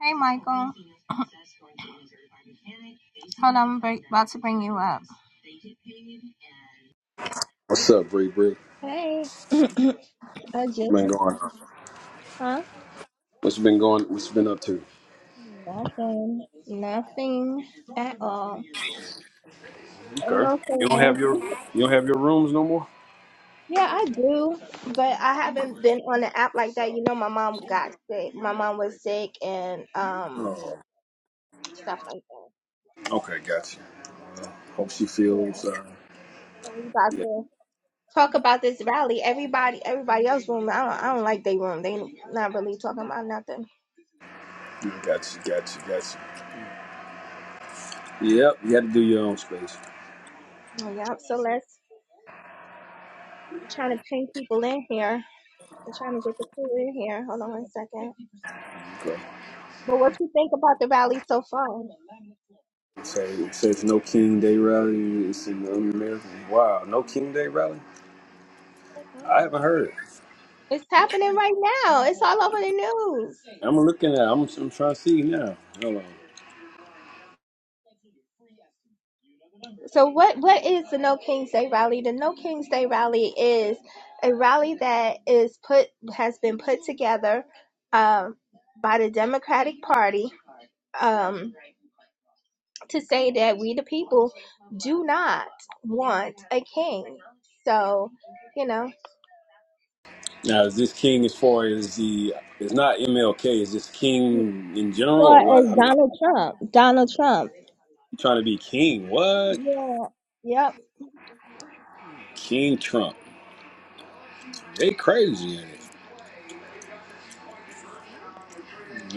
Hey, Michael. Hold on, I'm br- about to bring you up. What's up, Bree Bree? Hey, I What's just, been going on? huh? What's been going? What's been up to? Nothing, nothing at all. Oh, Okay. no, say You don't have no. your you don't have your rooms no more. Yeah, I do, but I haven't been on the app like that. You know, my mom got sick. My mom was sick and um Oh, stuff like that. okay, got you. Hope she Yeah, feels. Uh, so we about yeah, to talk about this rally. Everybody, everybody else room. I don't, I don't like they room. They not really talking about nothing. got you, got you, got you. Yep, you had to do your own space. Yeah, so let's I'm trying to ping people in here. I'm trying to get the crew in here. Hold on one second. Okay. But what you think about the rally so far? So it says no King Day rally. It's in the American. Wow, no King Day rally. I Mhm. haven't heard. It's happening right now. It's all over the news. I'm looking at. I'm, I'm trying to see now. Hold on. So what what is the No Kings Day rally? The No Kings Day rally is a rally that is put has been put together um, by the Democratic Party um, to say that we the people do not want a king. So you know, as Now is this King as far as the? It's not MLK. Is this King in general far or as what? Donald Trump, Donald Trump. trying to be king. What? Yeah, yep. King Trump. They crazy in it.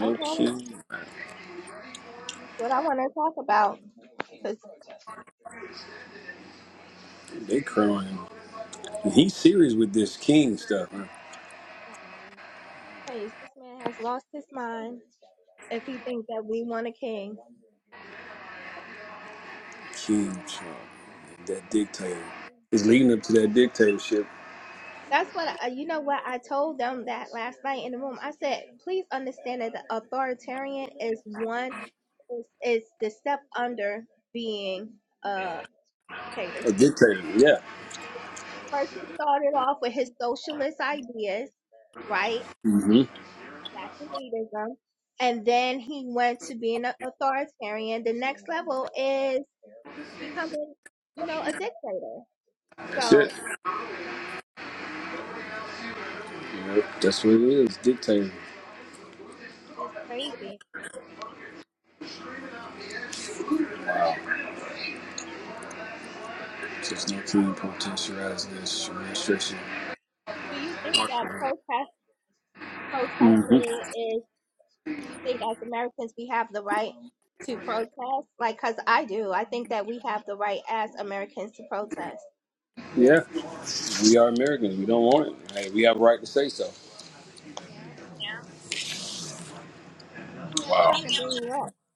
I had it. king. That's what I want to talk about. Because They crying. And He's serious with this king stuff. Huh? please, this man has lost his mind if he thinks that we want a king. King Trump. That dictator. It's leading up to that dictatorship. That's what I, you know what I told them that last night in the room. I said, please understand that the authoritarian is one, is, is the step under being a dictator. A dictator. Yeah. First, he started off with his socialist ideas, right? hmm That's elitism, And then he went to being an authoritarian. The next level is becoming, you know, a dictator. That's it. So, you know, You know, that's what it is. Dictator. it's crazy. Just no king potentializing this administration. Do you think that protest hmm protesting is, do you think as Americans we have the right to protest? Like, cause I do. I think that we have the right as Americans to protest. Yeah. We are Americans. We don't want it. Hey, we have a right to say so. Yeah. Mimi, I'm Wow. trying to bring you up.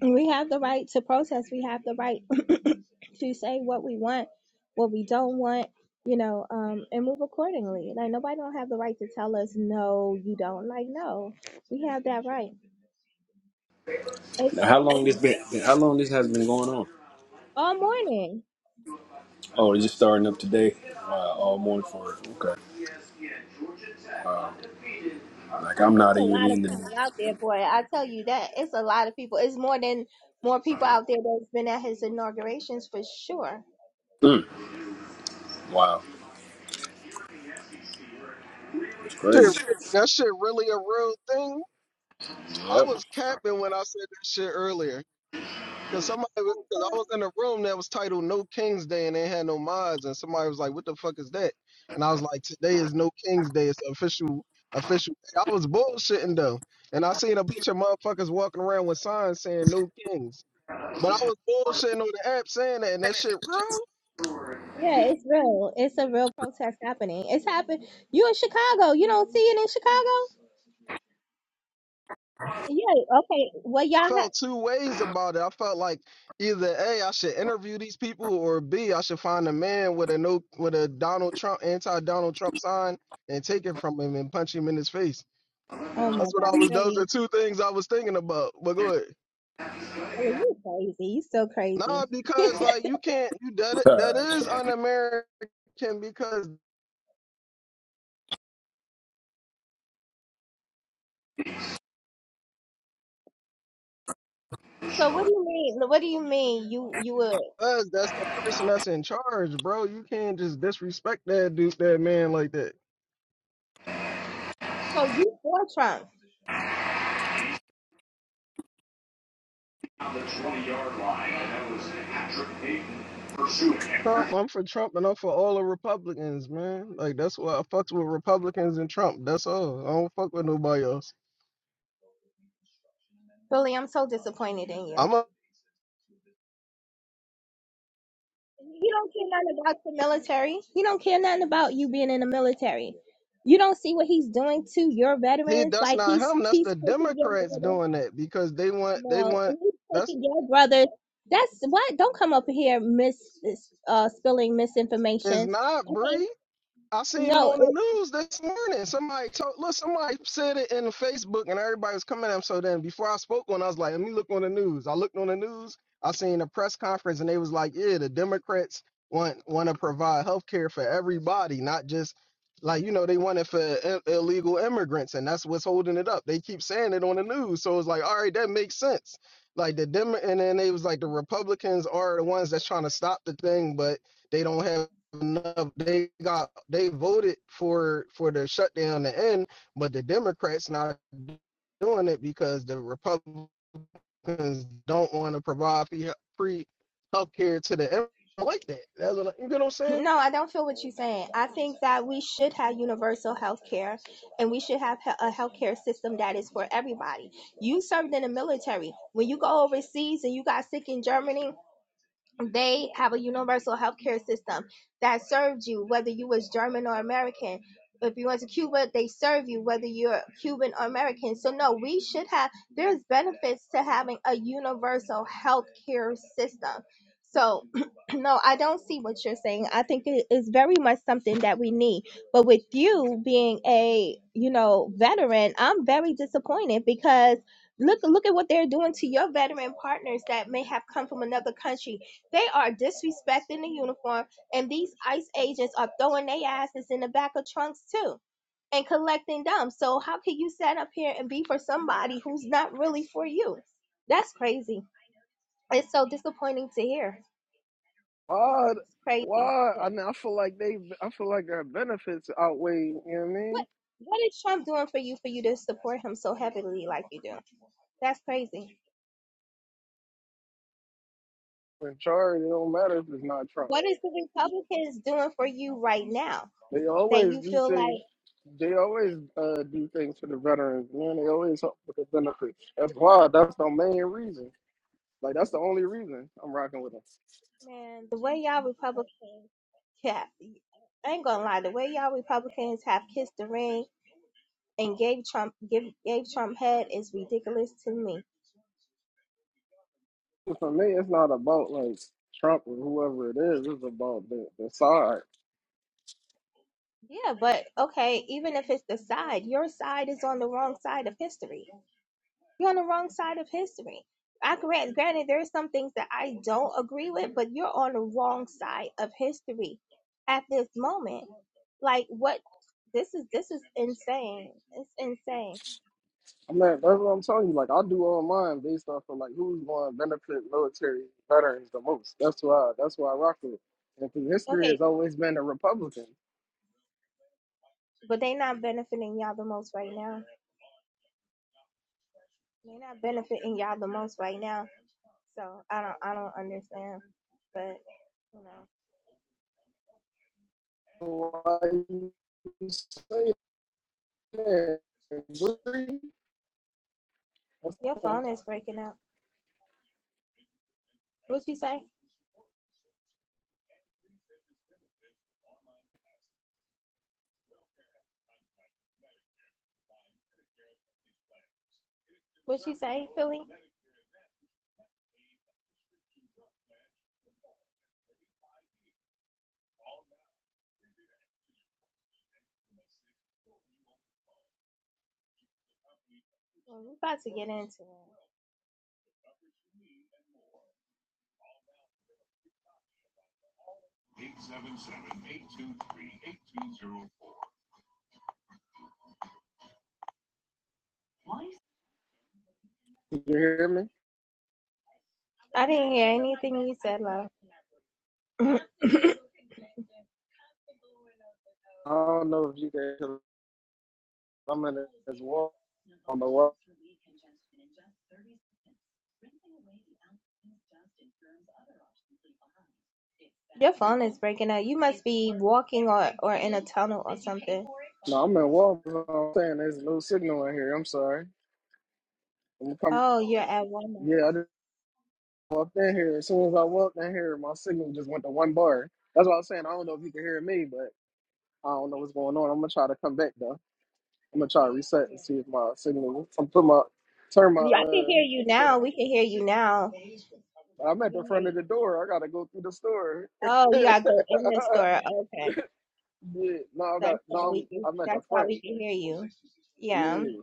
We have the right to protest. We have the right to say what we want, what we don't want, you know, um, and move accordingly. Like nobody don't have the right to tell us no, you don't. Like no, we have that right. It's Now, how long this crazy. been? How long this has been going on? All morning. Oh, it's just starting up today. Wow, all morning for it. Okay. Like I'm It's not a even lot of in the. people out there, boy. I tell you that. It's a lot of people. It's more than more people out there that's been at his inaugurations for sure. Mm, wow, it's Shit, crazy. that shit really a real thing. I Yep. was capping when I said that shit earlier. Cause somebody, was- cause I was in a room that was titled "No King's Day" and they had no mods, and somebody was like, "What the fuck is that?" And I was like, "Today is No King's Day. It's official, official." I was bullshitting though, and I seen a bunch of motherfuckers walking around with signs saying "No Kings," but I was bullshitting on the app saying that, and that shit real. Yeah, it's real. It's a real protest happening. It's happened. You in Chicago? You don't see it in Chicago? Yeah. Okay. Well, y'all. felt Ha- two ways about it. I felt like either A, I should interview these people, or B, I should find a man with a no with a Donald Trump anti Donald Trump sign and take it from him and punch him in his face. oh my That's what I God, was. Those Philly, are two things I was thinking about. But go ahead. Philly, you crazy. You so crazy. Nah, because like you can't. You that i- that is un-American because So what do you mean? What do you mean? You you would? us, that's the person that's in charge, bro. You can't just disrespect that dude, that man like that. So you for Trump? All Trump, I'm for Trump and I'm for all the Republicans, man. Like that's why I fucked with Republicans and Trump. That's all. I don't fuck with nobody else. Philly, I'm so disappointed in you. I'm a You don't care nothing about the military. You don't care nothing about you being in the military. You don't see what he's doing to your he veterans. that's Like not he's him, that's he's the taking your Democrats brother. doing that because they want they No, want he's that's taking your brother's. That's what. Don't come up here, miss, uh, spilling it's misinformation. not Okay. Bree. I seen it No, on the it, news this morning. Somebody told, look, somebody said it in Facebook, and everybody was coming at him. So then, before I spoke on, I was like, let me look on the news. I looked on the news. I seen a press conference, and they was like, yeah, the Democrats want want to provide health care for everybody, not just like you know they want it for i- illegal immigrants, and that's what's holding it up. They keep saying it on the news, so it's like, all right, that makes sense. Like the Dem, and then they was like, the Republicans are the ones that's trying to stop the thing, but they don't have enough. They got they voted for for the shutdown to end, but the Democrats not doing it because the Republicans don't want to provide free, free health care to the immigrants like that. That's what, you get what I'm saying? no, I don't feel what you're saying. I think that we should have universal health care, and we should have he- a health care system that is for everybody. You served in the military. When you go overseas and you got sick in Germany, they have a universal healthcare system that served you whether you was german or american if you went to cuba they serve you whether you're cuban or american so no we should have there's benefits to having a universal healthcare system so no i don't see what you're saying i think it is very much something that we need but with you being a you know veteran i'm very disappointed because look look at what they're doing to your veteran partners that may have come from another country they are disrespecting the uniform, and these ICE agents are throwing their asses in the back of trunks too and collecting them. So how can you set up here and be for somebody who's not really for you? That's crazy. It's so disappointing to hear. Why? It's crazy. Why? Yeah. I mean, I feel like they. I feel like their benefits outweigh. You know what I What mean? what is Trump doing for you for you to support him so heavily like you do? That's crazy. When charge, it don't matter if it's not Trump. What is the Republicans doing for you right now They that always you do feel like? things They always uh, do things for the veterans, man. They always help with the benefits. That's why. That's the main reason. Like that's the only reason I'm rocking with them. Man, the way y'all Republicans yeah, I ain't gonna lie, the way y'all Republicans have kissed the ring and gave Trump give gave Trump head is ridiculous to me. So For me, it's not about like Trump or whoever it is. It's about the, the side. Yeah, but okay, even if it's the side, your side is on the wrong side of history. You're on the wrong side of history. I grant, granted, there's some things that I don't agree with, but you're on the wrong side of history at this moment. Like what? This is this is insane. It's insane. I mean, that's what I'm telling you. Like I do all mine based off of like who's going to benefit military veterans the most. That's why. That's why I rock with. it. And through history, Okay, has always been a Republican. but they not benefiting y'all the most right now. They not benefiting y'all the most right now. So I don't I don't understand. But you know, So Why you say that? Bree? your That's- phone is breaking up. What she say? What she say, Philly? Well, we about to get into it. Eight seven seven eight two three eight two zero. Did you hear me? Yeah, you I don't know if you guys, 'cause I'm in this wall on the wall. breaking up. You might walking on tunnel. No, I'm in wall. I'm saying there's no signal in here. I'm sorry. I'm coming. Oh, yeah, at Walmart. Yeah, I just walked in here. As soon as I walked in here, my signal just went to one bar. That's what I was saying. I don't know if you can hear me, but I don't know what's going on. I'm gonna try to come back though. I'm gonna try to reset and see if my signal. I'm put my turn my Yeah, I can uh hear you shit now. off. We can hear you now. I'm We at the can hear front of you. the door. I gotta go through the store. Oh, you yeah, gotta go in the store. Okay. no, I That's got why no. we I'm can. I'm at the That's why front. we can hear you. Yeah. Yeah,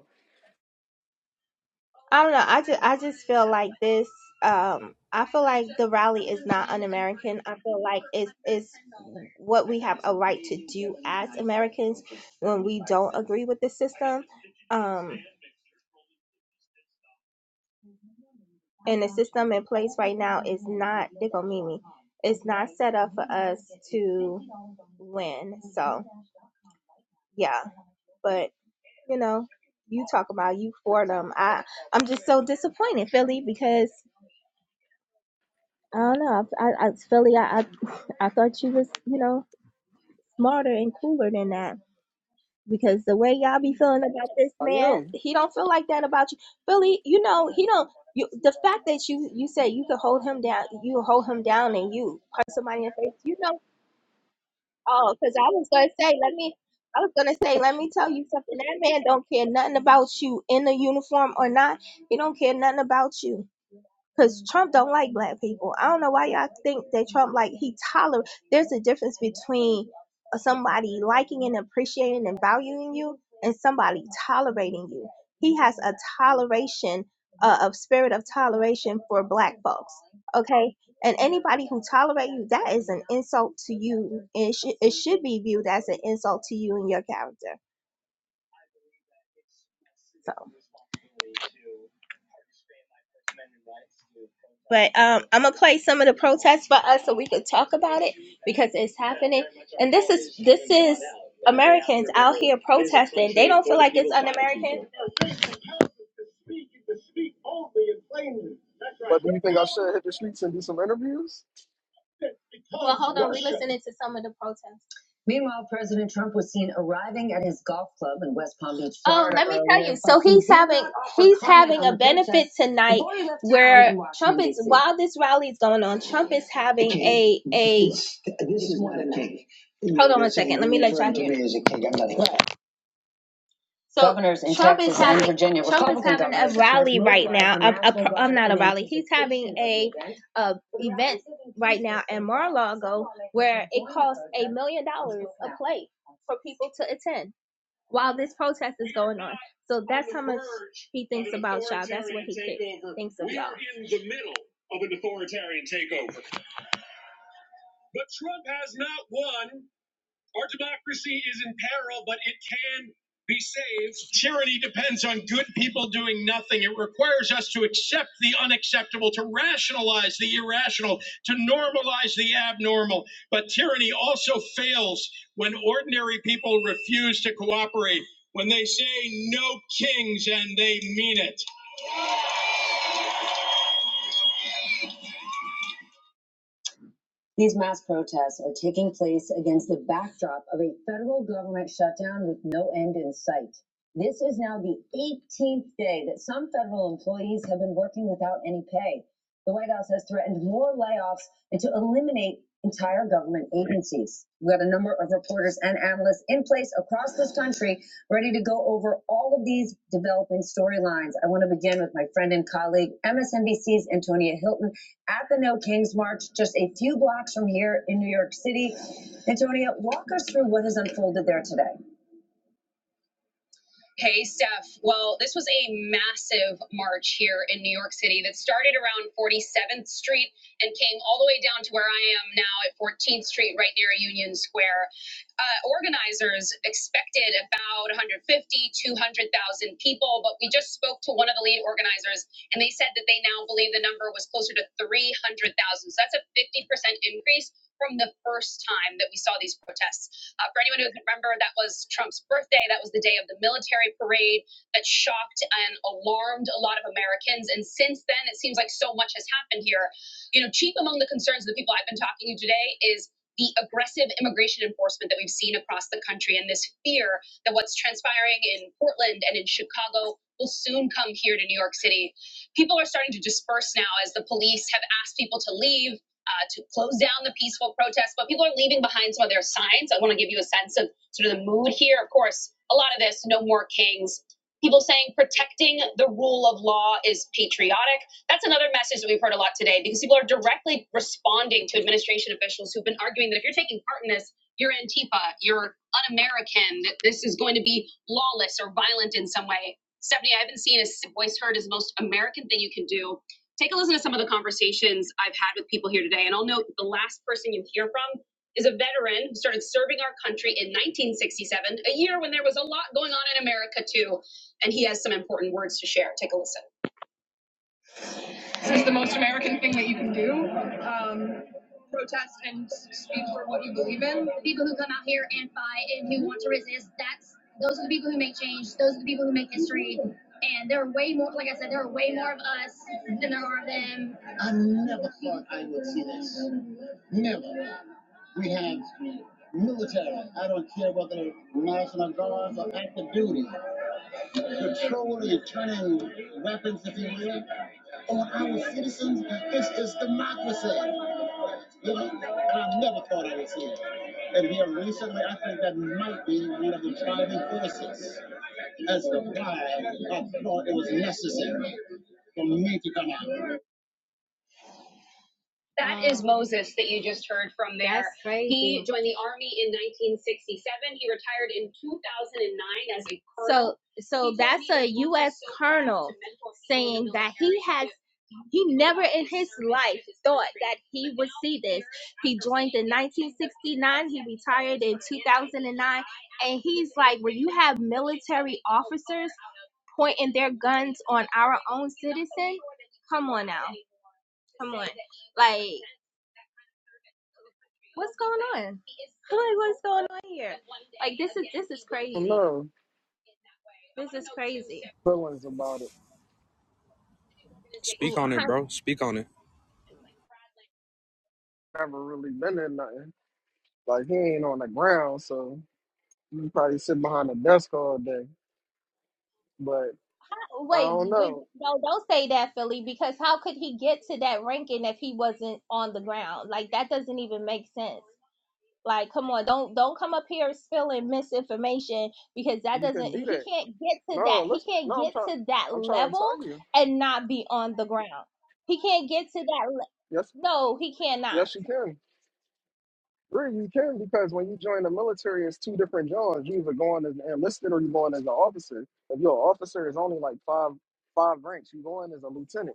I don't know. I just. I just feel like this. Um. I feel like the rally is not un-American. I feel like it's it's what we have a right to do as Americans when we don't agree with the system. Um. And the system in place right now is not. They Mimi. It's not set up for us to win. So yeah. but. you know, you talk about you for them. I I'm just so disappointed, Philly, because I don't know. I, I, Philly, I, I I thought you was you know smarter and cooler than that. Because the way y'all be feeling about this I man, am. he don't feel like that about you, Philly. You know he don't. You, the fact that you you say you could hold him down, you hold him down, and you punch somebody in the face. You know. Oh, because I was gonna say, let me. I was gonna say, let me tell you something. That man don't care nothing about you in the uniform or not. He don't care nothing about you. Cause Trump don't like black people. I don't know why y'all think that Trump like he tolerate. There's a difference between somebody liking and appreciating and valuing you, and somebody tolerating you. He has a toleration, uh, of spirit of toleration for black folks. Okay, and anybody who tolerate you, that is an insult to you. And it, should it should be viewed as an insult to you and your character. So, but um, I'm gonna play some of the we could talk about because it's how he approached Americans But do you think I should hit the streets and do some interviews? listening some of the protests. Meanwhile, President Trump was seen arriving at his golf club in West Palm Beach, Florida. Oh, let me tell you. So he's having he's having a benefit tonight where Trump is while this rally is going on, Trump is having a so Governors in Trump is Texas and having and Virginia, Trump is having a rally right now. a a, a, I'm not a rally. He's having a, event. a event right now feature in Mar-a-Lago like where it costs a million dollars a plate for people to attend. while this protest is going on. So that's how much he thinks about y'all. That's what he thinks of y'all. We're in the middle of an authoritarian takeover. But Trump has not won our democracy is in peril, but it can be saved. Tyranny depends on good people doing nothing. It requires us to accept the unacceptable, to rationalize the irrational, to normalize the abnormal. But tyranny also fails when ordinary people refuse to cooperate, when they say no kings and they mean it. These mass protests are taking place against the backdrop of a federal government shutdown with no end in sight. This is now the 18th day that some federal employees have been working without any pay. The White House has threatened more layoffs and to eliminate entire government agencies. We got a number of reporters and analysts in place across this country ready to go over all of these developing storylines. I want to begin with my friend and colleague, MSNBC's Antonia Hilton at the No Kings March, just a few blocks from here in New York City. Antonia, walk us through what has unfolded there today. Hey, Steph. Well, this was a massive march here in New York City that started around 47th Street and came all the way down to where I am now at 14th Street, right near Union Square. Uh, organizers expected about 150, 200,000 people, but we just spoke to one of the lead organizers, and they said that they now believe the number was closer to 300,000. So that's a 50% increase from the first time that we saw these protests. Uh, for anyone who can remember, that was Trump's birthday. That was the day of the military parade that shocked and alarmed a lot of Americans. And since then, it seems like so much has happened here. You know, chief among the concerns of the people I've been talking to today is the aggressive immigration enforcement that we've seen across the country and this fear that what's transpiring in Portland and in Chicago will soon come here to New York City. People are starting to disperse now as the police have asked people to leave uh, to close down the peaceful protests, but people are leaving behind some of their signs. I want to give you a sense of sort of the mood here. Of course, a lot of this, no more kings. People saying protecting the rule of law is patriotic. That's another message that we've heard a lot today because people are directly responding to administration officials who've been arguing that if you're taking part in this, you're Antifa, you're un American, that this is going to be lawless or violent in some way. Stephanie, I haven't seen a voice heard as the most American thing you can do take a listen to some of the conversations I've had with people here today. And I'll note the last person you hear from is a veteran who started serving our country in 1967, a year when there was a lot going on in America, too. And he has some important words to share. Take a listen. This is the most American thing that you can do um, protest and speak for what you believe in. People who come out here and fight and who want to resist, that's those are the people who make change. Those are the people who make history. And there are way more, like I said, there are way more of us than there are of them. military. I don't care whether National Guards or active duty, patrolling and turning weapons, if you will, on our citizens. This is democracy. You know, and I never thought I would see it. And here recently, I think that might be one of the driving forces as to why I thought it was necessary for me to come out. That is Wow. is Moses that you just heard from there. That's crazy. He joined the army in 1967. He retired in 2009 as a colonel. So so He that's me a US so colonel saying that he has He never in his life thought that he would see this. He joined in 1969, he retired in 2009, and he's like, where you have military officers pointing their guns on our own citizen, come on now, come on, like what's going on? Like, what's going on here? Like, this is this is I don't crazy. know This is crazy. feelings about it. Speak Ooh, on it, bro. Speak on it. Never really been in nothing. Like he ain't on the ground, so you probably sit behind a desk all day. But huh. I Wait, don't but know. no, don't say that, Philly, because how could he get to that ranking if he wasn't on the ground? Like that doesn't even make sense. Like, come on, don't don't come up here spilling misinformation because that You doesn't could do he that. can't get to that No, he listen. can't No, I'm get trying. to that I'm trying to level tell you. and not be on the ground. He can't get to that le- Yes, no, he cannot. yes, you can. Really, you can because when you join the military, it's two different jobs. You either going as an enlisted or you going as an officer. If you're an officer, it's only like five five ranks. You going as a lieutenant.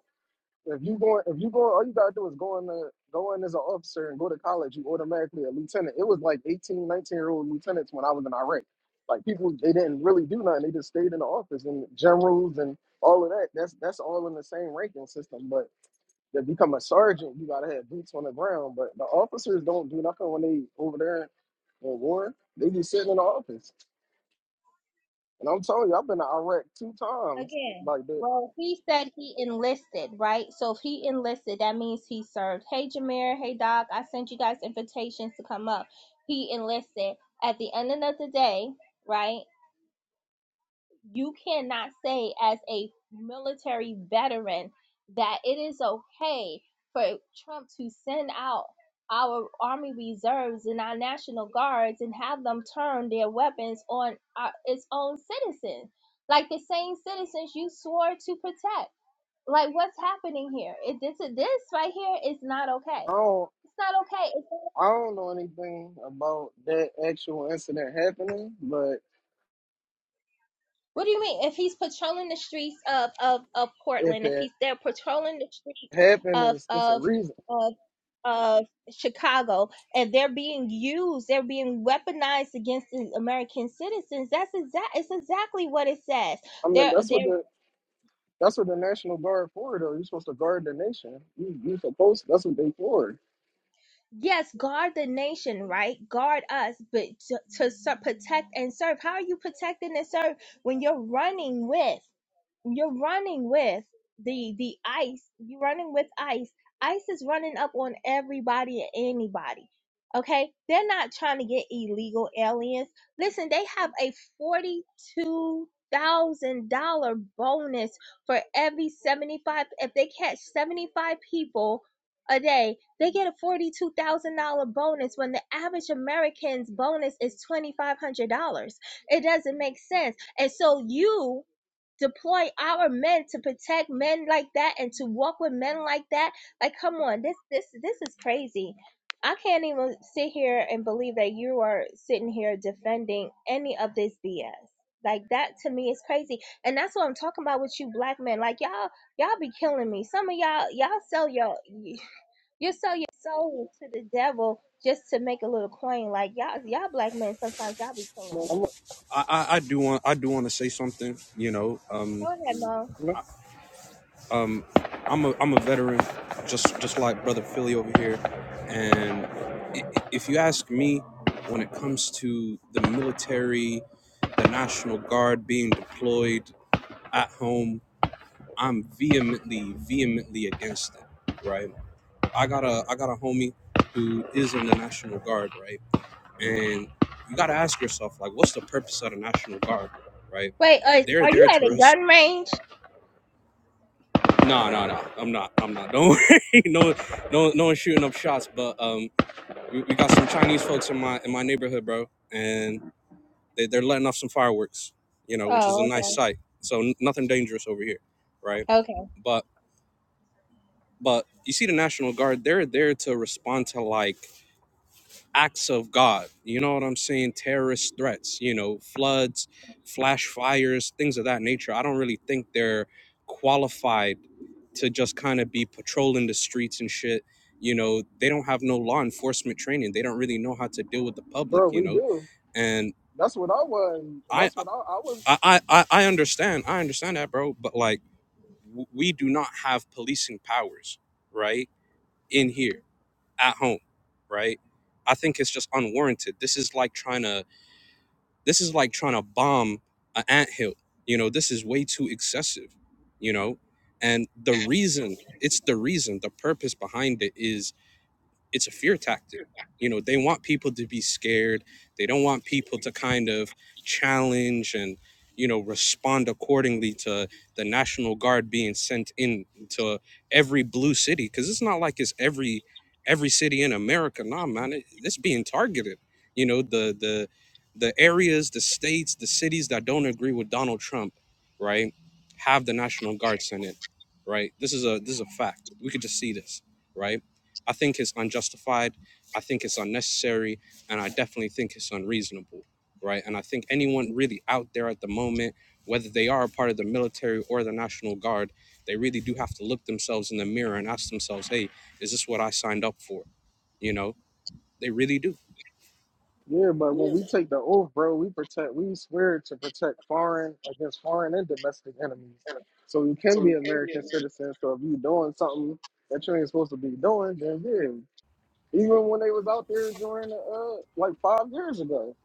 If you going, if you going, all you gotta do is go in, the, go in as an officer and go to college. You automatically a lieutenant. It was like 18, 19 year old lieutenants when I was in Iraq. Like people, they didn't really do nothing. They just stayed in the office and generals and all of that. That's that's all in the same ranking system. But to become a sergeant, you gotta have boots on the ground. But the officers don't do nothing when they over there in war. They just sitting in the office. And I'm telling you, I've been to Iraq two times like that. he said he enlisted, right? So if he enlisted, that means he served. Hey, Jameer. Hey, Doc. I sent you guys invitations to come up. He enlisted. At the end of the day, right? You cannot say as a military veteran that it is okay for Trump to send out our army reserves and our national guards and have them turn their weapons on our, its own citizens, like the same citizens you swore to protect like, what's happening here? It, this, this right here is not okay. I don't. It's not okay. It's, I don't know anything about that actual incident happening, but what do you mean? If he's patrolling the streets of, of, of if Portland, if he's it there patrolling the streets happened, of, it's, it's a of, reason. of, of Chicago, and they're being used, they're being weaponized against the American citizens, that's exact, it's exactly what it says. I mean, They're, that's what they're, the that's what the National Guard for, though. You're supposed to guard the nation. You you supposed that's what they for. yes, guard the nation, right? Guard us, but to, to ser- protect and serve. How are you protecting and serve when you're running with? you're running with the the ice you're running with ice ice is running up on everybody and anybody okay they're not trying to get illegal aliens listen they have a $42,000 bonus for every 75 if they catch 75 people a day they get a $42,000 bonus when the average American's bonus is $2,500 it doesn't make sense and so you deploy our men to protect men like that and to walk with men like that like come on this this this is crazy i can't even sit here and believe that you are sitting here defending any of this bs like that to me is crazy and that's what i'm talking about with you black men like y'all y'all be killing me some of y'all y'all sell your you sell your soul to the devil just to make a little coin like y'all y'all black men sometimes y'all be killing me I'm I, I, I do want I do want to say something. You know, go um, ahead mom like, um, I'm a I'm a veteran, just just like brother Philly over here. And i- if you ask me, when it comes to the military, the National Guard being deployed at home, I'm vehemently vehemently against it. Right? I got a I got a homie who is in the National Guard. Right? And you got to ask yourself, like, what's the purpose of the National Guard, right? wait are, They're are you there at to. a res- gun range No, no, no. I'm not. I'm not. Don't worry. No, no, no one's shooting up shots. But um, we, we got some Chinese folks in my in my neighborhood, bro, and they, they're letting off some fireworks, you know, which is a Oh, nice okay. sight. So n- nothing dangerous over here, right? Okay. But but you see, the National Guard, they're there to respond to like acts of God. You know what I'm saying? Terrorist threats, you know, floods, flash fires, things of that nature. I don't really think they're qualified to just kind of be patrolling the streets and shit. You know, they don't have no law enforcement training. They don't really know how to deal with the public, bro, you we know? do. And That's what I was. I That's what I, I was. I I, I I understand. I understand that, bro, but like w- we do not have policing powers, right? In here at home, right? I think it's just unwarranted. This is like trying to This is like trying to bomb an anthill. You know, this is way too excessive, you know? And the reason, it's the reason, the purpose behind it is it's a fear tactic. You know, they want people to be scared. They don't want people to kind of challenge and, you know, respond accordingly to the National Guard being sent in to every blue city. Cause it's not like it's every every city in America. Nah, man, it, it's being targeted. You know, the the the areas, the states, the cities that don't agree with Donald Trump, right, have the National Guard sent in, right? This is a this is a fact. We could just see this, right? I think it's unjustified. I think it's unnecessary. And I definitely think it's unreasonable, right? And I think anyone really out there at the moment, whether they are a part of the military or the National Guard, they really do have to look themselves in the mirror and ask themselves, hey, is this what I signed up for? You know, they really do. Yeah, but when we take the oath, bro, we protect. We swear to protect foreign against foreign and domestic enemies. So you can be American citizens. So if you doing something that you ain't supposed to be doing, then yeah. Even when they was out there during the, uh, like five years ago,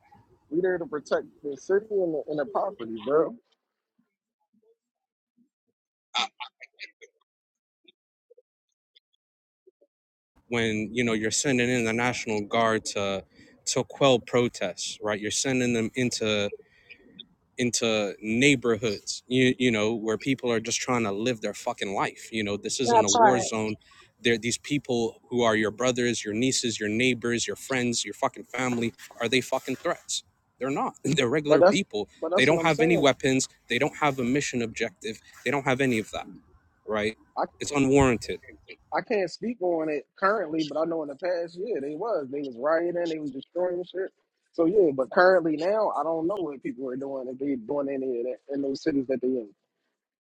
we there to protect the city and the, and the property, bro. When, you know, you're sending in the National Guard to, to quell protests, right? You're sending them into into neighborhoods you, you know where people are just trying to live their fucking life you know this isn't That a war part. zone there these people who are your brothers your nieces your neighbors your friends your fucking family are they fucking threats they're not they're But regular that's people but they that's what don't I'm have any saying. weapons they don't have a mission objective they don't have any of that right I it's unwarranted I can't speak on it currently, but I know in the past, yeah, they was they was rioting, they was destroying shit. So yeah, but currently now, I don't know what people are doing if they doing any of that in those cities that they in.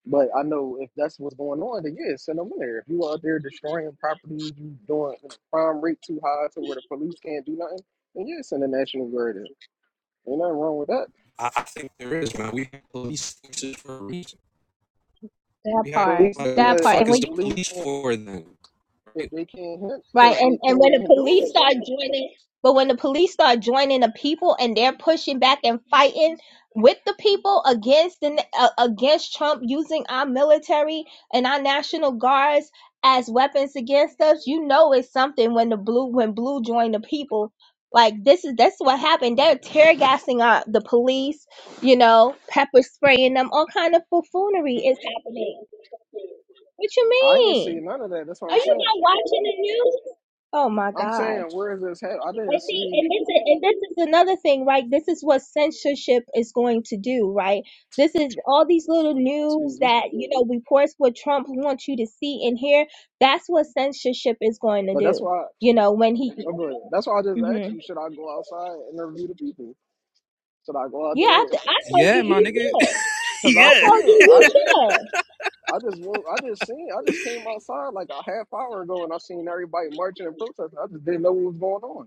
But I know if that's what's going on, then yeah, send them in there. If you out there destroying properties, you doing crime rate too high to where the police can't do nothing, then yeah, send the National Guard in. Ain't nothing wrong with that. i, I think there is man we have police forces for a reason That we The have part. police, like, what That the but part. fuck if And is the when you the police police can't, for then if right? they can't hit, Right. because And they and when the can't do police it. start joining but when the police start joining the people and they're pushing back and fighting with the people against the uh, against Trump using our military and our national guards as weapons against us, you know it's something when the blue when blue joined the people. Like this is that's what happened. They're tear gassing our the police, you know, pepper spraying them, all kind of buffoonery is happening. What you I ain't see mean? none of that. That's what Are I'm you saying. not watching the news? Oh my I'm God. saying where is this head? I didn't And see, see. and this is and this is another thing, right? This is what censorship is going to do, right? This is all these little news Excuse me. that, you know, reports what Trump wants you to see and hear. That's what censorship is going to But that's do. why. You know, when he, oh, But that's why I just hmm asked you: Should I go outside and interview the people? Should I go out yeah, I, there? th- I told yeah you my you nigga should. Cause I I yeah see told it. you I you should. I just wo- I just seen. I just came outside like a half hour ago, and I seen everybody marching and protesting. I just didn't know what was going on.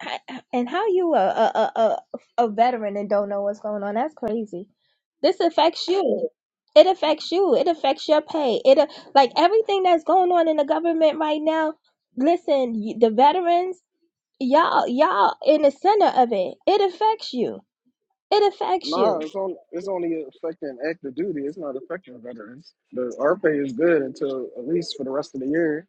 I- and how you a a a a a veteran and don't know what's going on? That's crazy. This affects you. It affects you. It affects your pay. It a- like everything that's going on in the government right now. Listen, y- the veterans, y'all y'all in the center of it. It affects you. It affects you. Nah, it's on. It's only affecting active duty. It's not affecting veterans. The our pay is good until at least for the rest of the year.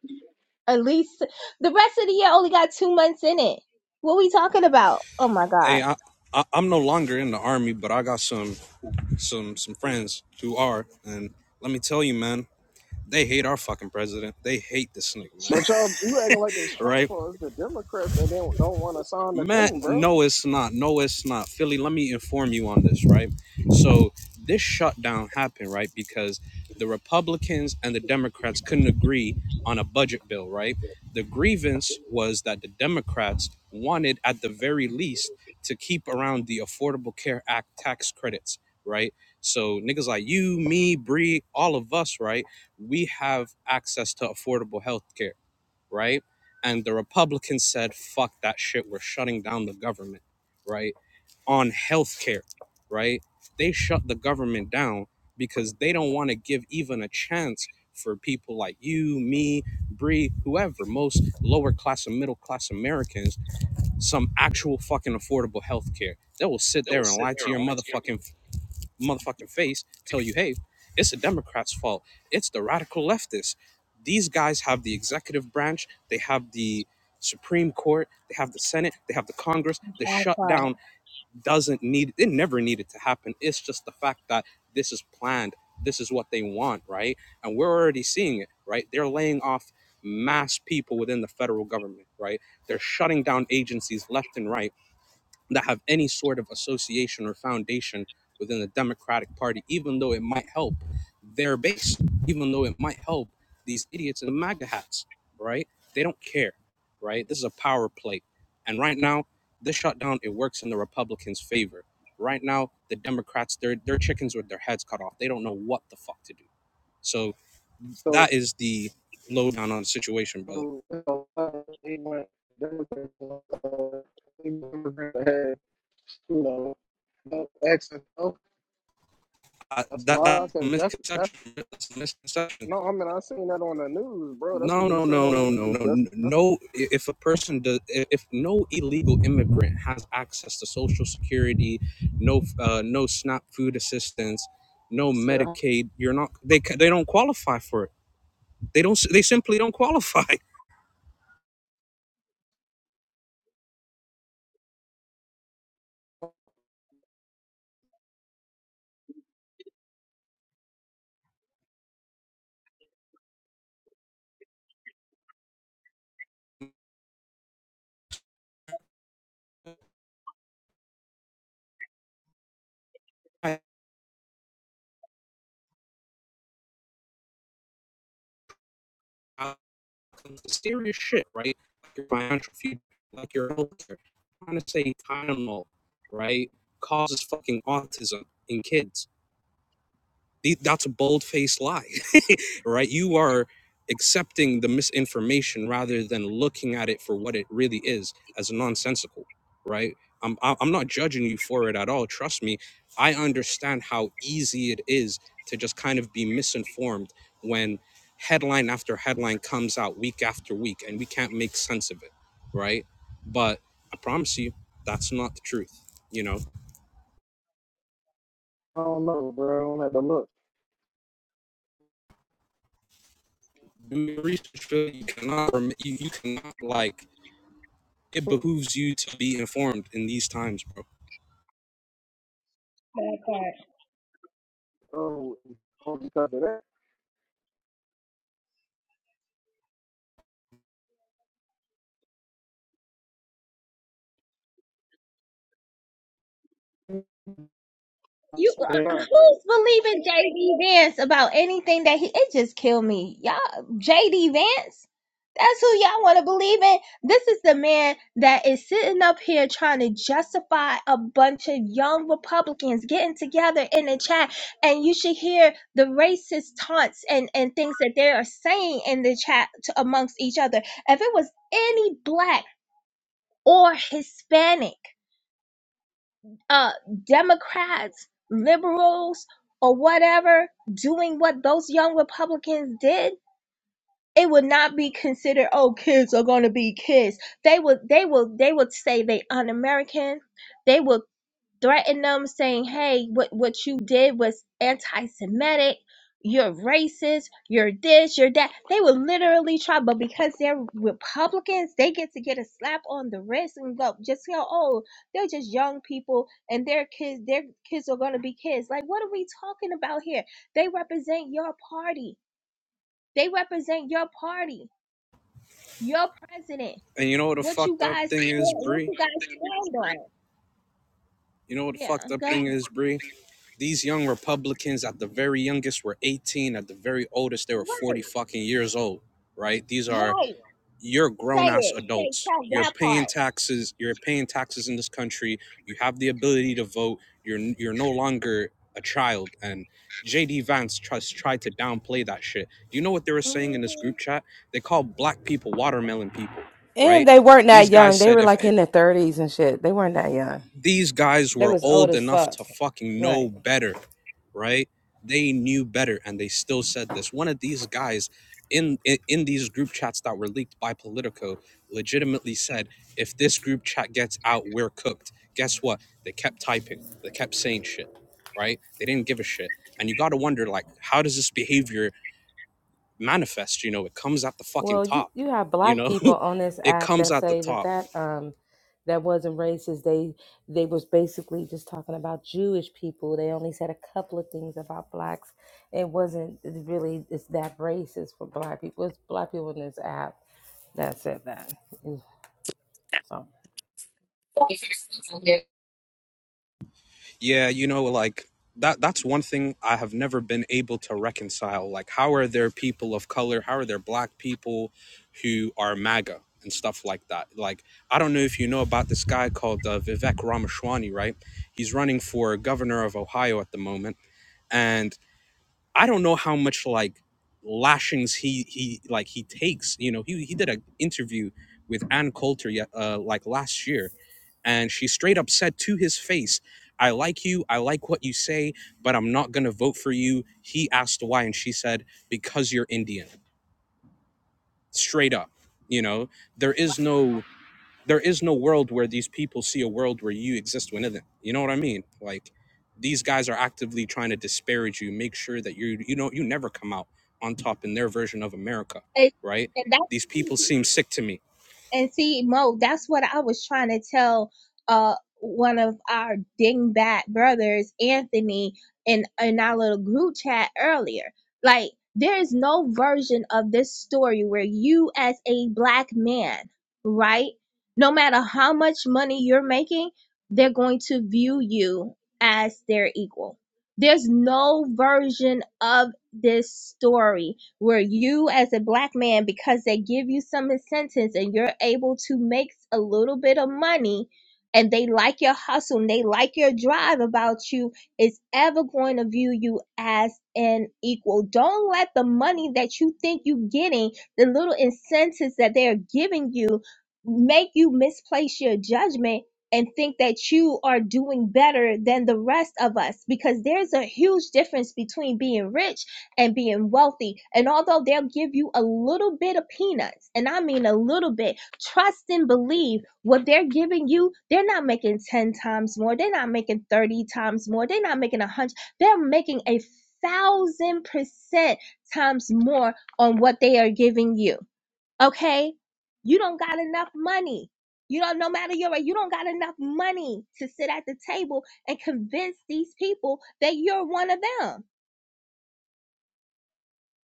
At least the rest of the year only got two months in it. What we talking about? Oh my Hey, god. I, I I'm no longer in the army, but I got some some some friends who are, and let me tell you, man, they hate our fucking president. They hate this nigga, man. But y'all, you acting like it's Trump right? for us, the Democrats that don't don't want to sign the Man, thing, bro. no, it's not. No, it's not. Philly, let me inform you on this, right? So this shutdown happened, right? Because the Republicans and the Democrats couldn't agree on a budget bill, right? The grievance was that the Democrats wanted, at the very least, to keep around the Affordable Care Act tax credits, right? So niggas like you, me, Bree, all of us, right? We have access to affordable healthcare right? And the Republicans said, fuck that shit, we're shutting down the government, right? On healthcare, right? They shut the government down because they don't want to give even a chance for people like you, me, Bree, whoever, most lower class and middle class Americans, some actual fucking affordable healthcare. They will sit They will there and sit lie there to and your watch him. motherfucking motherfucking face tell you, hey, it's the Democrats' fault. It's the radical leftists. These guys have the executive branch, they have the Supreme Court, they have the Senate, they have the Congress. The All right. shutdown doesn't need it never needed to happen. It's just the fact that this is planned. This is what they want, right? And we're already seeing it, right? They're laying off mass people within the federal government, right? They're shutting down agencies left and right that have any sort of association or foundation within the Democratic Party, even though it might help their base, even though it might help these idiots in the MAGA hats, right? They don't care, right? This is a power play. And right now, this shutdown, it works in the Republicans' favor. Right now, the Democrats, their their chickens with their heads cut off. They don't know what the fuck to do. So So that is the lowdown on the situation, brother. so, uh, they want uh, Democrats to have you know no access. to health. Uh, That's a that lie, that because that's that's misconception, that's a misconception no. I mean, I seen that on the news, bro. That's No, what they no, said no, on the no, no, news. no, That's n- that's. no. i- If a person does, i- if no illegal immigrant has access to Social Security, no, uh, no SNAP food assistance, no I said I Medicaid, you're not. They ca- they don't qualify for it. They don't. s- They simply don't qualify. Serious shit, right? Like your financial future, like your health care. Trying to say Tylenol, right, causes fucking autism in kids The- That's a bold faced lie, right? You are accepting the misinformation rather than looking at it for what it really is as nonsensical, right? I'm, I- I'm not judging you for it at all. Trust me, I understand how easy it is to just kind of be misinformed when headline after headline comes out week after week and we can't make sense of it, right? But I promise you, that's not the truth. You know, don't know, bro. I don't have to look. do your research, Phil. You cannot, rem- you, you cannot like it behooves you to be informed in these times, bro. Oh, because of that. You uh, Yeah. who's believing JD Vance about anything that he it just killed me. Y'all JD Vance? That's who y'all want to believe in. This is the man that is sitting up here trying to justify a bunch of young Republicans getting together in the chat. And you should hear the racist taunts and, and things that they are saying in the chat to, amongst each other. If it was any black or Hispanic, uh, Democrats, liberals, or whatever doing what those young Republicans did, it would not be considered, oh, kids are going to be kids. They would, they will, they would say they un-American. They would threaten them saying hey what what you did was anti-semitic you're racist you're this you're that they would literally try but because they're republicans they get to get a slap on the wrist and go just go oh they're just young people and their kids their kids are going to be kids like what are we talking about here they represent your party they represent your party your president And you know what a what you fucked up guys thing is, what Bree? you guys stand on You know what a yeah fucked up go ahead. thing is, Bree? These young Republicans at the very youngest were 18, at the very oldest, they were right 40 fucking years old, right? These are right. you're Say grown ass it. Say, adults. tell You're that paying part. taxes. You're paying taxes in this country. You have the ability to vote. You're you're no longer a child. And JD Vance tries tried to downplay that shit. Do you know what they were saying in this hmm group chat? They called black people watermelon people, And right? they weren't that These guys young. They said were if like in their thirties and shit. They weren't that young. these guys They were was old old as enough fuck. to fucking know Right. better, right? They knew better and they still said this. One of these guys in in, in these group chats that were leaked by Politico legitimately said, if this group chat gets out, we're cooked. Guess what? They kept typing. They kept saying shit, right? They didn't give a shit. And you got to wonder like how does this behavior manifest, you know? It comes at the fucking Well, you top, you have you black know? people on this it app comes that at the say that top that um that wasn't racist. They they was basically just talking about Jewish people. They only said a couple of things about blacks. It wasn't really it's that racist for black people. It's black people in this app that said that. So Yeah, you know, like that that's one thing I have never been able to reconcile. Like how are there people of color, how are there black people who are MAGA and stuff like that? Like I don't know if you know about this guy called uh, Vivek Ramaswamy, right? He's running for governor of Ohio at the moment and I don't know how much like lashings he he like he takes, you know, he he did an interview with Ann Coulter yeah, uh, like last year and she straight up said to his face, I like you, I like what you say, but I'm not gonna vote for you. He asked why, and she said, Because you're Indian. Straight up. You know, there is no there is no world where these people see a world where you exist within them. You know what I mean? Like these guys are actively trying to disparage you, make sure that you you know you never come out on top in their version of America, And, right? and These that's, people seem sick to me And see, Mo, that's what I was trying to tell uh one of our dingbat brothers, Anthony, in in our little group chat earlier. Like, there is no version of this story where you, as a black man, right, no matter how much money you're making, they're going to view you as their equal. There's no version of this story where you as a black man because they give you some incentives and you're able to make a little bit of money and they like your hustle and they like your drive about you is ever going to view you as an equal don't let the money that you think you're getting the little incentives that they're giving you make you misplace your judgment and think that you are doing better than the rest of us because there's a huge difference between being rich and being wealthy. And although they'll give you a little bit of peanuts, and I mean a little bit, trust and believe what they're giving you, they're not making 10 times more. They're not making 30 times more. They're not making a hundred. They're making a thousand percent times more on what they are giving you. Okay? You don't got enough money. You don't, no matter your, you don't got enough money to sit at the table and convince these people that you're one of them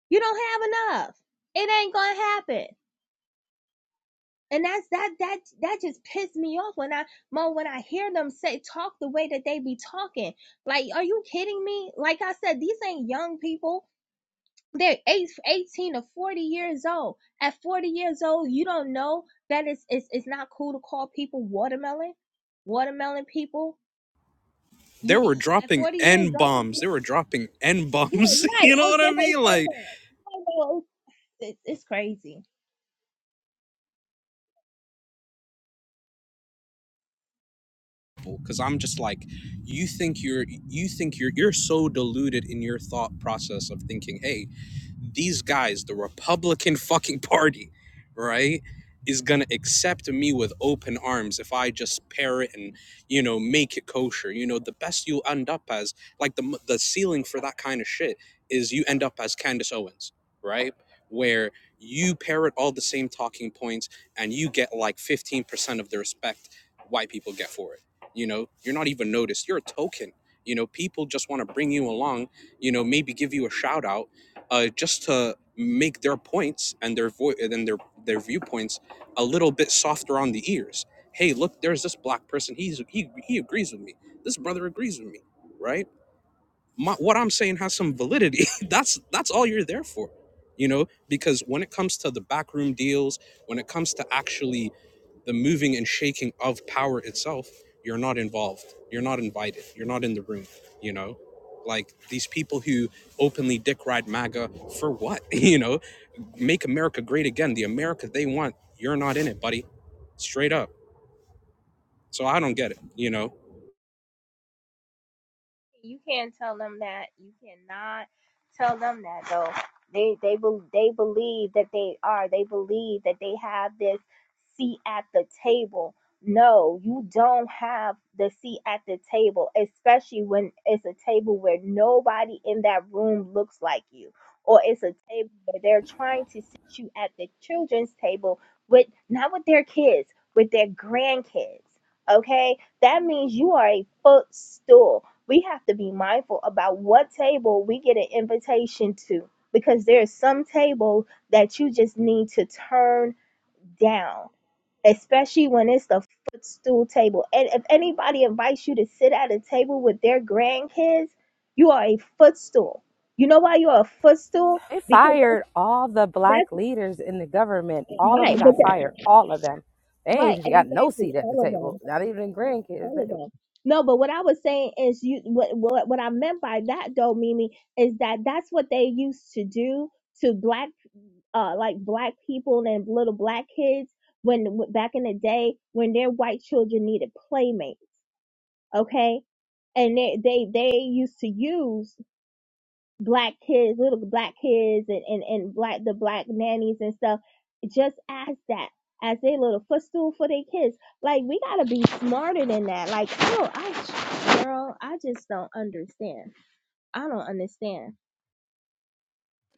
you don't have enough. It ain't gonna happen. And that's that that that just pissed me off when I Mo when I hear them say talk the way that they be talking. Like, are you kidding me? Like I said, these ain't young people. They're eight, eighteen to 40 years old. At 40 years old, you don't know that it's it's, it's not cool to call people watermelon. Watermelon people. they You were at dropping 40 years n old, bombs. They were dropping n you're right. bombs. I you know was what I going mean? say Like, that. I know, It's, it's crazy because I'm just like, you think you're, you think you're, you're so deluded in your thought process of thinking, hey, these guys, the Republican fucking party, right, is gonna accept me with open arms if I just pair it and you know make it kosher. You know, the best you end up as, like the the ceiling for that kind of shit is you end up as Candace Owens, right, where you parrot all the same talking points and you get like 15% of the respect white people get for it. You know, you're not even noticed. You're a token. You know, people just want to bring you along, you know, maybe give you a shout out uh, just to make their points and their voice and their their viewpoints a little bit softer on the ears. Hey, look, there's this black person. He's he he agrees with me. This brother agrees with me, right? my, what I'm saying has some validity. that's that's all you're there for, you know. Because when it comes to the backroom deals, when it comes to actually the moving and shaking of power itself, you're not involved. You're not invited. You're not in the room. You know, like these people who openly dick ride MAGA for what? You know, make America great again. The America they want. You're not in it, buddy. Straight up. So I don't get it. You know, You can't tell them that. You cannot tell them that though. They they bel they believe that they are. They believe that they have this seat at the table. No, you don't have the seat at the table, especially when it's a table where nobody in that room looks like you, or it's a table where they're trying to sit you at the children's table with not with their kids, with their grandkids. Okay, that means you are a footstool we have to be mindful about what table we get an invitation to because there's some table that you just need to turn down especially when it's the footstool table and if anybody invites you to sit at a table with their grandkids you are a footstool you know why you're a footstool They because fired all the black that's, leaders in the government. that's All of right them but got that, fired. All of them. They right ain't got no exactly seat at the all of us table. Not even grandkids. all of them. No, but what I was saying is you what what what I meant by that though, Mimi, is that that's what they used to do to black uh like black people and little black kids when w- back in the day when their white children needed playmates, okay? And they they they used to use black kids, little black kids and, and, and black the black nannies and stuff, just as that as their little footstool for their kids. Like we gotta be smarter than that. Like, oh I girl, I just don't understand. I don't understand.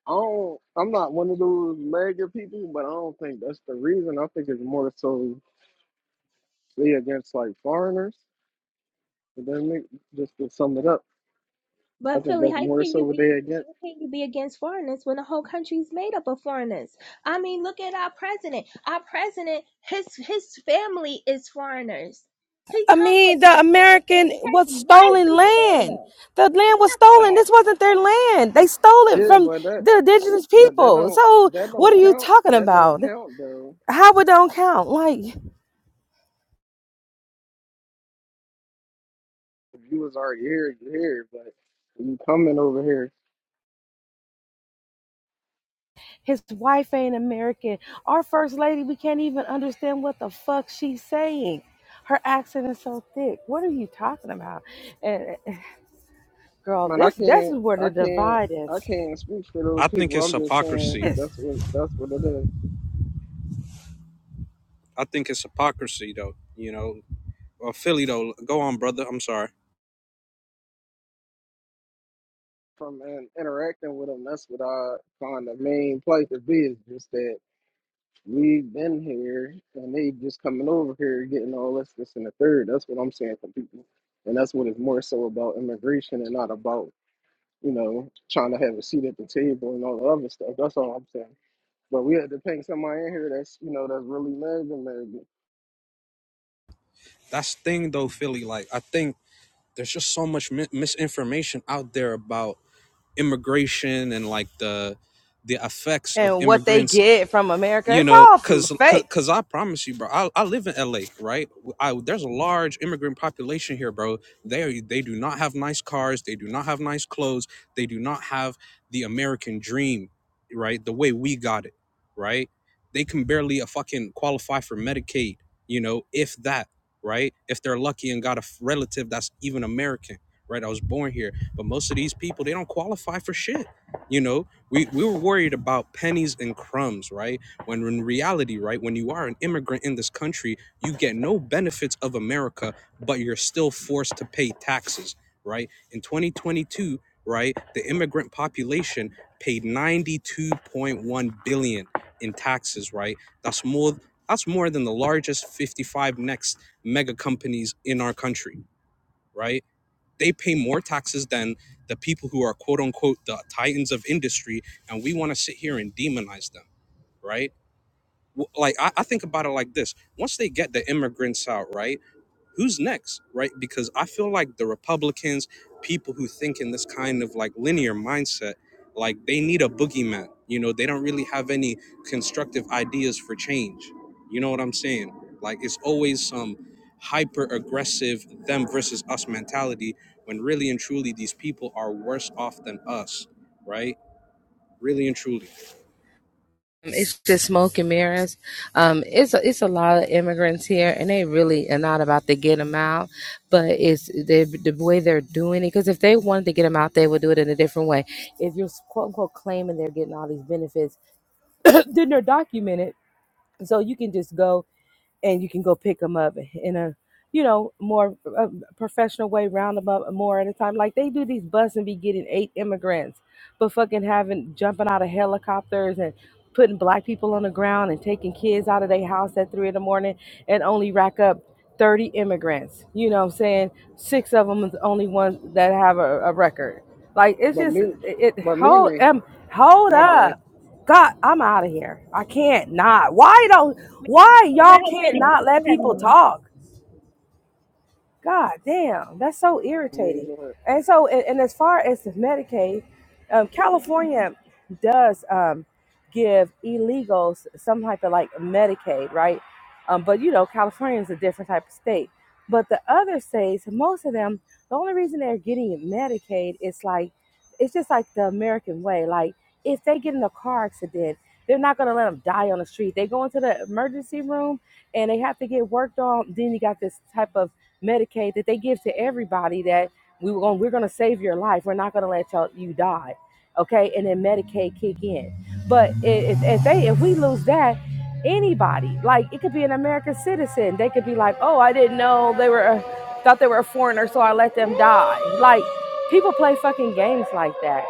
I don't, I'm not one of those mega people, but I don't think that's the reason. I think it's more so they against like foreigners. But then make, just to sum it up, I But think Philly, that's how more can so you what be they against. how can you be against foreigners when the whole country's made up of foreigners? I mean, look at our president. Our president, his his family is foreigners. He I comes from mean, a the foreign American family. was His stolen wife is land. foreigner. The land It's was not stolen. This hard. wasn't their land. They stole it Yeah, from but that the indigenous but that people. don't So that what are don't you count. talking That don't about? count though. How it don't count? Like If you was already here, you here. But you coming over here, His wife ain't American. Our first lady, we can't even understand what the fuck she's saying. Her accent is so thick. What are you talking about? And and girl, man. I this this can't. is where I the can't. divide I is. can't speak for I those think people. it's I'm just saying hypocrisy. This that's what that's what it is. I think it's hypocrisy, though. You know, uh, Philly though. Go on, brother. I'm sorry. from in, interacting with them, that's what I find the main place to be is just that we've been here and they just coming over here getting all this, this, and the third. That's what I'm saying for people. And that's what it's more so about immigration and not about, you know, trying to have a seat at the table and all the other stuff. That's all I'm saying. But we had to pay somebody in here that's, you know, that's really mad and That's the thing though, Philly. Like I think there's just so much mi- misinformation out there about immigration and like the the effects of and what they immigrants get from America, you it's know all because fake. because i promise you bro I, I live in la right I, there's a large immigrant population here bro they are they do not have nice cars they do not have nice clothes they do not have the american dream right the way we got it right they can barely a fucking qualify for medicaid you know if that right if they're lucky and got a f- relative that's even american right i was born here but most of these people they don't qualify for shit you know we we were worried about pennies and crumbs right when in reality, right, when you are an immigrant in this country, you get no benefits of America, but you're still forced to pay taxes, right? In 2022, right, the immigrant population paid 92.1 billion in taxes, right? That's more that's more than the largest 55 next mega companies in our country, right? They pay more taxes than the people who are quote unquote the titans of industry and we want to sit here and demonize them, right? w- like I, I think about it like this once they get the immigrants out right who's next right because i feel like the republicans people who think in this kind of like linear mindset like they need a boogeyman you know they don't really have any constructive ideas for change you know what i'm saying like it's always some hyper aggressive them versus us mentality when really and truly these people are worse off than us right really and truly It's just smoke and mirrors. Um, it's a, it's a lot of immigrants here, and they really are not about to get them out. But it's they, the way they're doing it. Because if they wanted to get them out, they would do it in a different way. If you're quote unquote claiming they're getting all these benefits, then they're documented. So you can just go and you can go pick them up in a you know more uh, professional way round them up more at a time like they do these buses and be getting eight immigrants but fucking having jumping out of helicopters and putting black people on the ground and taking kids out of their house at three in the morning and only rack up 30 immigrants you know what i'm saying six of them is the only ones that have a, a record like it's But just me, it, it but me, hold me, um hold my bad. up god i'm out of here i can't not why don't why Let y'all her can't finish. not It let doesn't people mean talk? God damn, that's so Me, irritating. go ahead. And so, and, and as far as the Medicaid, um, California does um, give illegals some type of like Medicaid, right? Um, but you know, California is a different type of state. But the other states, most of them, the only reason they're getting Medicaid is like, it's just like the American way. Like, if they get in a car accident, they're not gonna let them die on the street. They go into the emergency room and they have to get worked on. Then you got this type of Medicaid that they give to everybody that we were going we're going to save your life. We're not going to let y'all, you die. Okay? And then Medicaid kick in. But if, if they if we lose that anybody, like it could be an American citizen, they could be like, "Oh, I didn't know they were thought they were a foreigner, so I let them die." Like people play fucking games like that.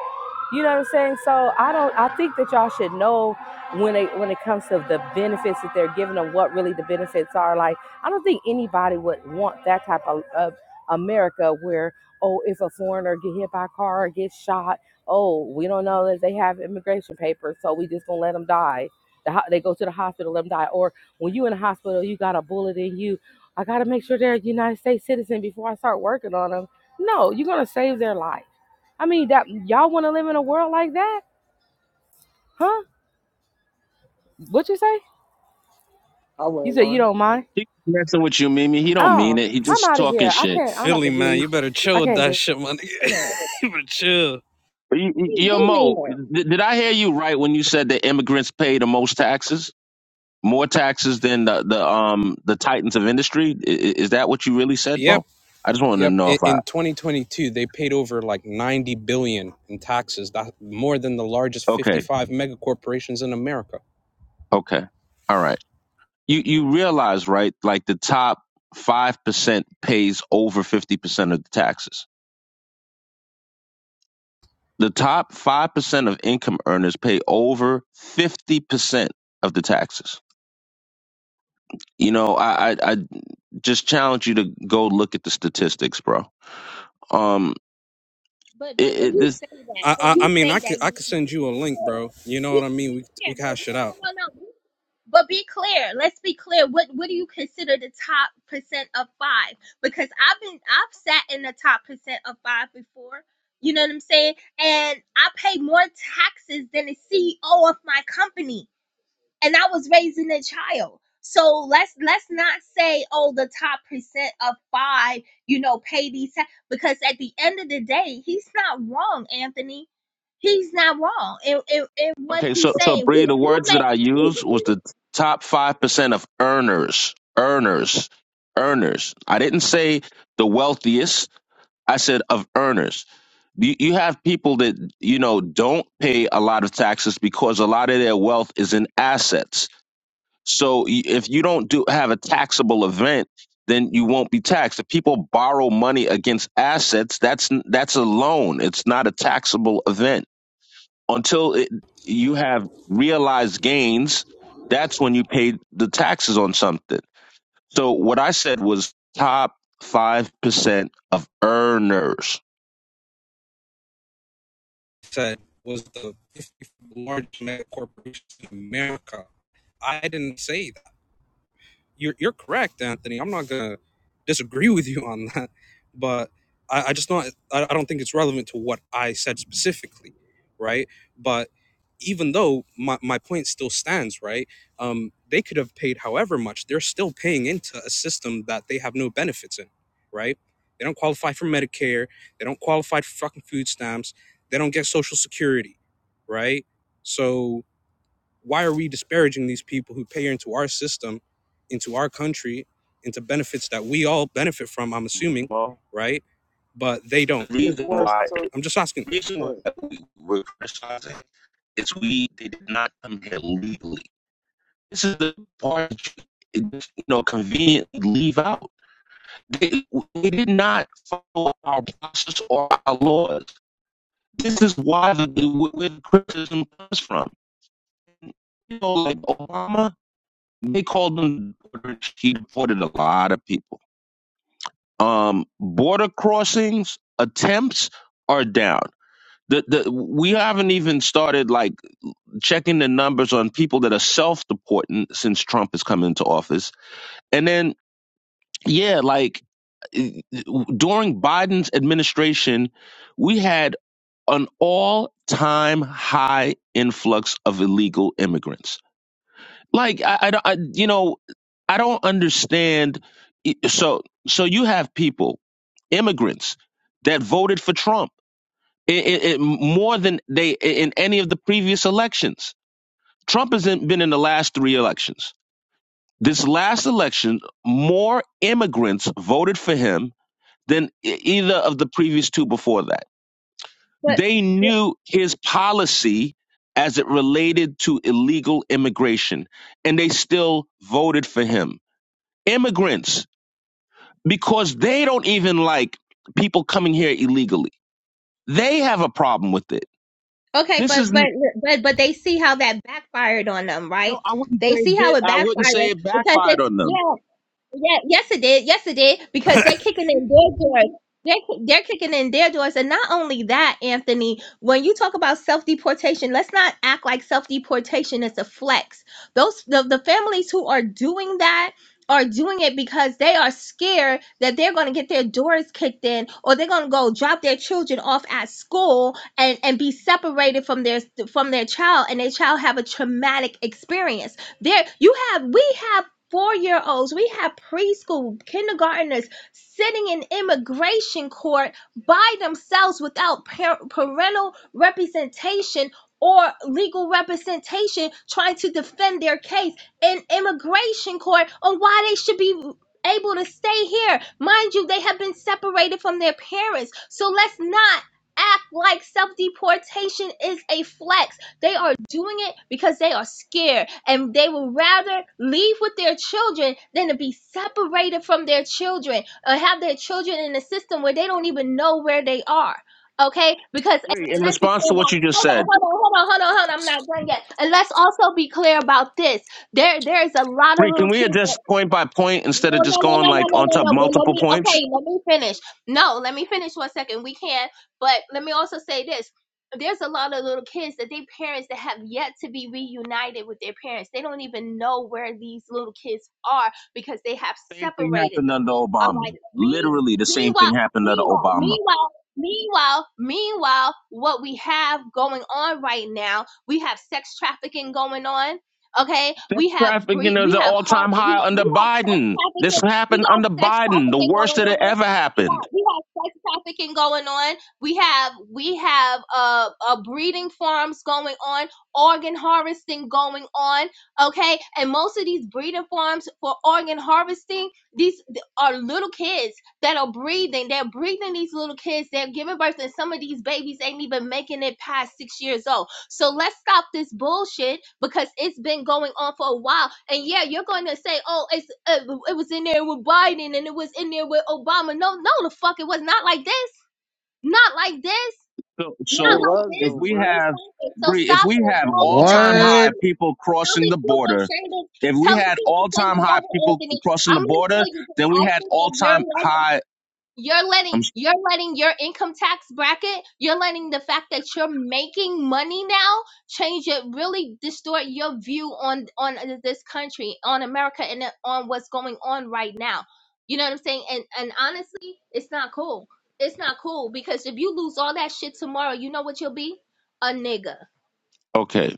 You know what I'm saying? So I don't I think that y'all should know when it when it comes to the benefits that they're giving them, what really the benefits are like I don't think anybody would want that type of, of America where, oh, if a foreigner get hit by a car or gets shot, oh, we don't know if they have immigration papers, so we just gonna let them die. The, ho- they go to the hospital, let them die. Or when you in the hospital, you got a bullet in you. I gotta make sure they're a United States citizen before I start working on them. No, you're gonna save their life. I mean, that y'all want to live in a world like that, huh? What you say? I You wouldn't said you mind. don't mind? He messing with you, Mimi. He don't mean Oh, it. He I'm just out of talking here. I shit. can't. I'm about Philly, to man, you leave. better I chill with can't that do. shit, man. it. you better chill. But you, you- You yo, do mean Mo, it. did, did I hear you right when you said that immigrants pay the most taxes, more taxes than the, the um the titans of industry? I- i- Is that what you really said, Yep, Mo? I just wanted to yep. know In, if I. in 2022, they paid over like 90 billion in taxes. That more than the largest Okay, 55 mega corporations in America. okay, all right. You you realize right? Like the top five percent pays over fifty percent of the taxes. The top five percent of income earners pay over fifty percent of the taxes. You know, I, I just challenge you to go look at the statistics, bro. Um, But it, but when it you this say that, I, when I, I you mean, I say that, could, I you, could be, send you a be link, clear. bro. You know what Be, I mean? be We, clear. we But could hash it out. no, no, no, no. But be clear. Let's be clear. What what do you consider the top percent of five? Because I've been I've sat in the top percent of five before. You know what I'm saying? And I pay more taxes than the CEO of my company. and I was raising a child. So let's let's not say, oh, the top percent of five, you know, pay these ta-" because at the end of the day, he's not wrong, Anthony. He's not wrong in, in, in what okay. So he's so saying. Bree, We the do words that I make used was the top five percent of earners, earners, earners. I didn't say the wealthiest. I said of earners. You, you have people that you know don't pay a lot of taxes because a lot of their wealth is in assets So y- if you don't do have a taxable event, then you won't be taxed. If people borrow money against assets, that's n- that's a loan. It's not a taxable event until it, you have realized gains. That's when you pay the taxes on something. So what I said was top five percent of earners. Said was the 50 largest mega corporations in America. I didn't say that. you're you're correct, Anthony. I'm not gonna disagree with you on that, but I, I just not I, I don't think it's relevant to what I said specifically, right? But even though my, my point still stands, right? Um, they could have paid however much. They're still paying into a system that they have no benefits in, right? They don't qualify for Medicare. They don't qualify for fucking food stamps. They don't get Social Security, right? So why are we disparaging these people who pay into our system, into our country, into benefits that we all benefit from? I'm assuming, Well, right? But they the don't. It's reason more why, so, I'm just asking, go reason ahead. why we- we're criticizing is we they did not come here legally This is the part that you know conveniently leave out. They, they did not follow our process or our laws. This is why the, where the criticism comes from. You know, like Obama, they called him deporter. He deported a lot of people. Um, border crossings attempts are down. The, the, we haven't even started like checking the numbers on people that are self-deporting since Trump has come into office. And then Yeah, like eh, during Biden's administration, we had an all time high influx of illegal immigrants. Like, I, I, don't- I, you know, I don't understand. eh, So, so you have people, immigrants, that voted for Trump it, it, it, more than they in any of the previous elections. Trump hasn't been in the last three elections. This last election, more immigrants voted for him than e- either of the previous two before that. They knew his policy as it related to illegal immigration, and they still voted for him. Immigrants, because they don't even like people coming here illegally, they have a problem with it. Okay, This is, but but n- but but they see how that backfired on them, right? no, I wouldn't say They see it did. how it I wouldn't say backfired it because backfired it on them. yeah Yeah, yes it did. Yes it did because they're kicking in their doors. They're, they're kicking in their doors. And not only that, Anthony, when you talk about self deportation, let's not act like self deportation is a flex. Those the, the families who are doing that are doing it because they are scared that they're going to get their doors kicked in or they're going to go drop their children off at school and, and be separated from their from their child and their child have a traumatic experience there you have we have four year olds. We have preschool kindergartners sitting in immigration court by themselves without par- parental representation or legal representation trying to defend their case in immigration court on why they should be able to stay here. Mind you, they have been separated from their parents. So let's not act like self deportation is a flex. They are doing it because they are scared and they would rather leave with their children than to be separated from their children or have their children in a system where they don't even know where they are. Okay, because Bree, in and let's be response clear to what about you just hold on, said, hold on, hold on, hold on, hold on. I'm not done yet. And let's also be clear about this. There, there is a lot of Bree, can little we kids. that. address point by point No, instead of just no, no, no, going no, like no, on no, top no. But let multiple me, points? okay, let me finish. No, let me finish one second. We can, but let me also say this. There's a lot of little kids that they parents that have yet to be reunited with their parents. They don't even know where these little kids are because they have Same thing separated happened them. under All right. Obama. Me, Literally, the same thing meanwhile, happened under meanwhile, Obama. meanwhile, meanwhile, meanwhile, what we have going on right now, we have sex trafficking going on Okay, Sex we have bre- trafficking is we an have all har- time we, high we under have sex Biden. This trafficking. We happened under got sex Biden, the trafficking worst going that it on. ever We got happened. we have sex trafficking going on. We have we have uh, uh breeding farms going on, organ harvesting going on. Okay, and most of these breeding farms for organ harvesting, these th- are little kids that are breathing. They're breathing these little kids. They're giving birth, and some of these babies ain't even making it past six years old so let's stop this bullshit because it's been going on for a while. And yeah, you're going to say, "Oh, it's uh, it was in there with Biden and it was in there with Obama." No, no, the fuck, it was not like this. Not like this. So, Not It so like was if this. though, we Bree. So have stop it. So Bree, if stop we it. have No, all but time but high What? people tell crossing the the truth and border, shame this. if we Tell the had truth and all shame time the high devil, people Anthony. crossing I'm the gonna tell border, you this. then we I had think all that you're time right high. you're letting I'm s- you're letting your income tax bracket, you're letting the fact that you're making money now change it, really distort your view on on uh, this country, on America, and uh, on what's going on right now. You know what I'm saying? And and honestly, it's not cool. It's not cool because if you lose all that shit tomorrow, you know what you'll be? A nigga. okay.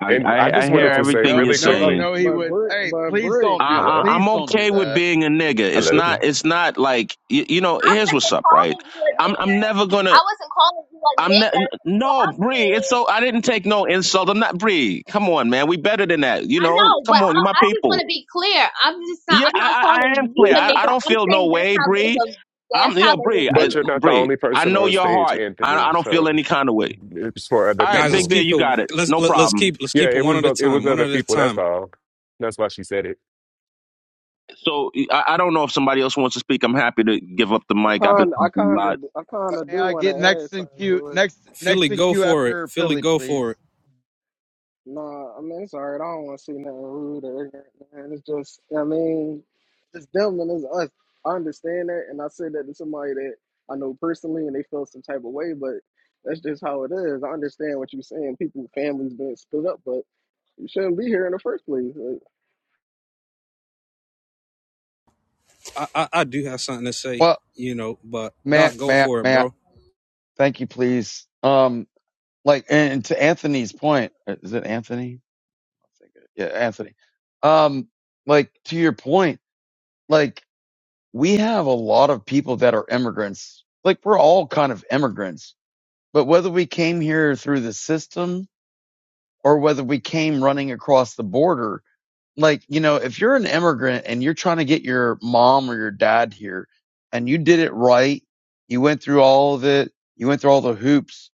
I, And I I I just hear wanted to No, say everything no, you're really no, But quickly, saying. no. He but would. Bree, Hey, but please Bree, don't do that. I, hello, I, I'm Please don't do okay with that. being a nigga. It's hello. not. It's not like you, you know. Here's what's up, right? Calling you a I'm. nigga. I'm never gonna. I wasn't calling you a I'm not. nigga. What No, I'm Bree. saying It's so. I didn't take no insult. I'm not Bree. Come on, man. We better than that. You I know. know, but Come on, you my I, I just want people. to be clear. I'm just not. Yeah, I'm I. not I, I am calling you clear. a I, I nigga. don't I'm feel no saying that's way, how they Bree. were. I'm That's how yo, Bree. I, But you're not the Bree. only I person know on your stage, heart. Anthony. I, I don't So feel any kind of way. it's for other All right, guys. Let's Big people. Bear, keep you it. got it. Let's No let, let's problem. keep let's Yeah, keep it it one was at a the- it was time. One other at a people. That's time. all. That's why she said it. So I, I don't know if somebody else wants to speak. I'm happy to give up the I mic. I've been kind I talking a kind lot. of I kind of May do I want get to add next in something queue? to it. Next, Philly, next in go queue for it. after Philly, Philly, go please. for it. Nah, I mean it's alright. I don't want to see nothing rude or ignorant, man. It's just I mean, it's them and it's us. I understand that, and I said that to somebody that I know personally, and they feel some type of way. But that's just how it is. I understand what you're saying. People, families being split up, but you shouldn't be here in the first place. Like, I I, I do have something to say, Well, you know. But Doc, Matt, go Matt, for it, bro. Matt. Thank you, please. Um, like, and to Anthony's point, uh, is it Anthony? I think it- Yeah, Anthony. Um, like to your point, like we have a lot of people that are immigrants. Like we're all kind of immigrants, but whether we came here through the system or whether we came running across the border. Like, you know, if you're an immigrant and you're trying to get your mom or your dad here and you did it right, you went through all of it, you went through all the hoops.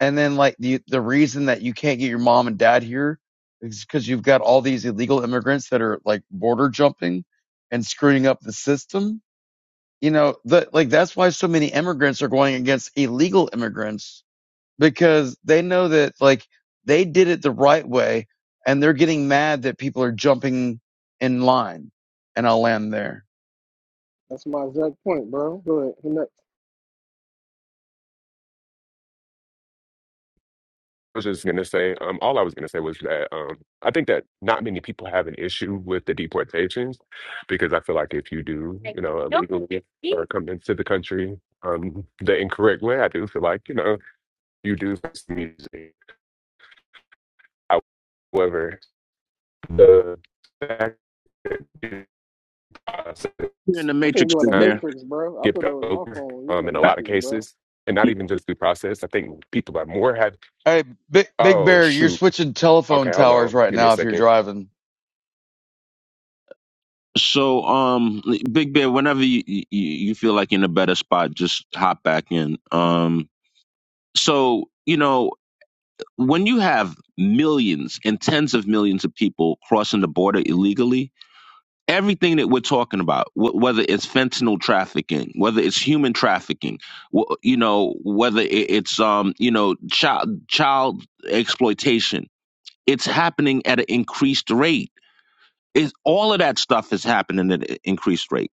And then like the, the reason that you can't get your mom and dad here is because you've got all these illegal immigrants that are like border jumping and screwing up the system. You know, the, like that's why so many immigrants are going against illegal immigrants because they know that like they did it the right way and they're getting mad that people are jumping in line and I'll land there. that's my exact point, bro. Go ahead. Who next? I was just gonna say. Um, all I was gonna say was that um, I think that not many people have an issue with the deportations because I feel like if you do, you know, illegally or come into the country um, the incorrect way, I do feel like you know you do. face the music. However, the You're in the I think matrix, you in the Big Bear. matrix, bro. I thought that skip was my over phone. You in um, the in a Uh, lot of matrix, bro. cases, and not even just due process. I think people are more had. Hey, big, big Oh bear, you're shoot! switching telephone Okay, hold towers on. right Give me a now if you're second. driving. So, um, Big Bear, whenever you, you you feel like you're in a better spot, just hop back in. Um, so you know when you have millions and tens of millions of people crossing the border illegally, everything that we're talking about, wh- whether it's fentanyl trafficking, whether it's human trafficking, wh- you know, whether it- it's um, you know, child child exploitation, it's happening at an increased rate is all of that stuff is happening at an increased rate.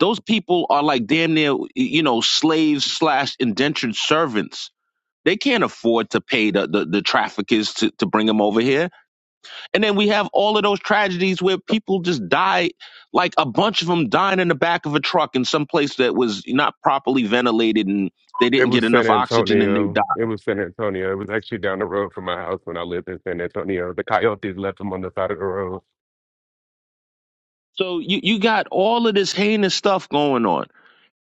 Those people are like damn near, you know, slaves slash indentured servants. They can't afford to pay the, the, the traffickers to, to bring them over here. And then we have all of those tragedies where people just die, like a bunch of them dying in the back of a truck in some place that was not properly ventilated and they It didn't get was San enough oxygen and they Antonio. died. It was San Antonio. It was actually down the road from my house when I lived in San Antonio. The coyotes left them on the side of the road. So you, you got all of this heinous stuff going on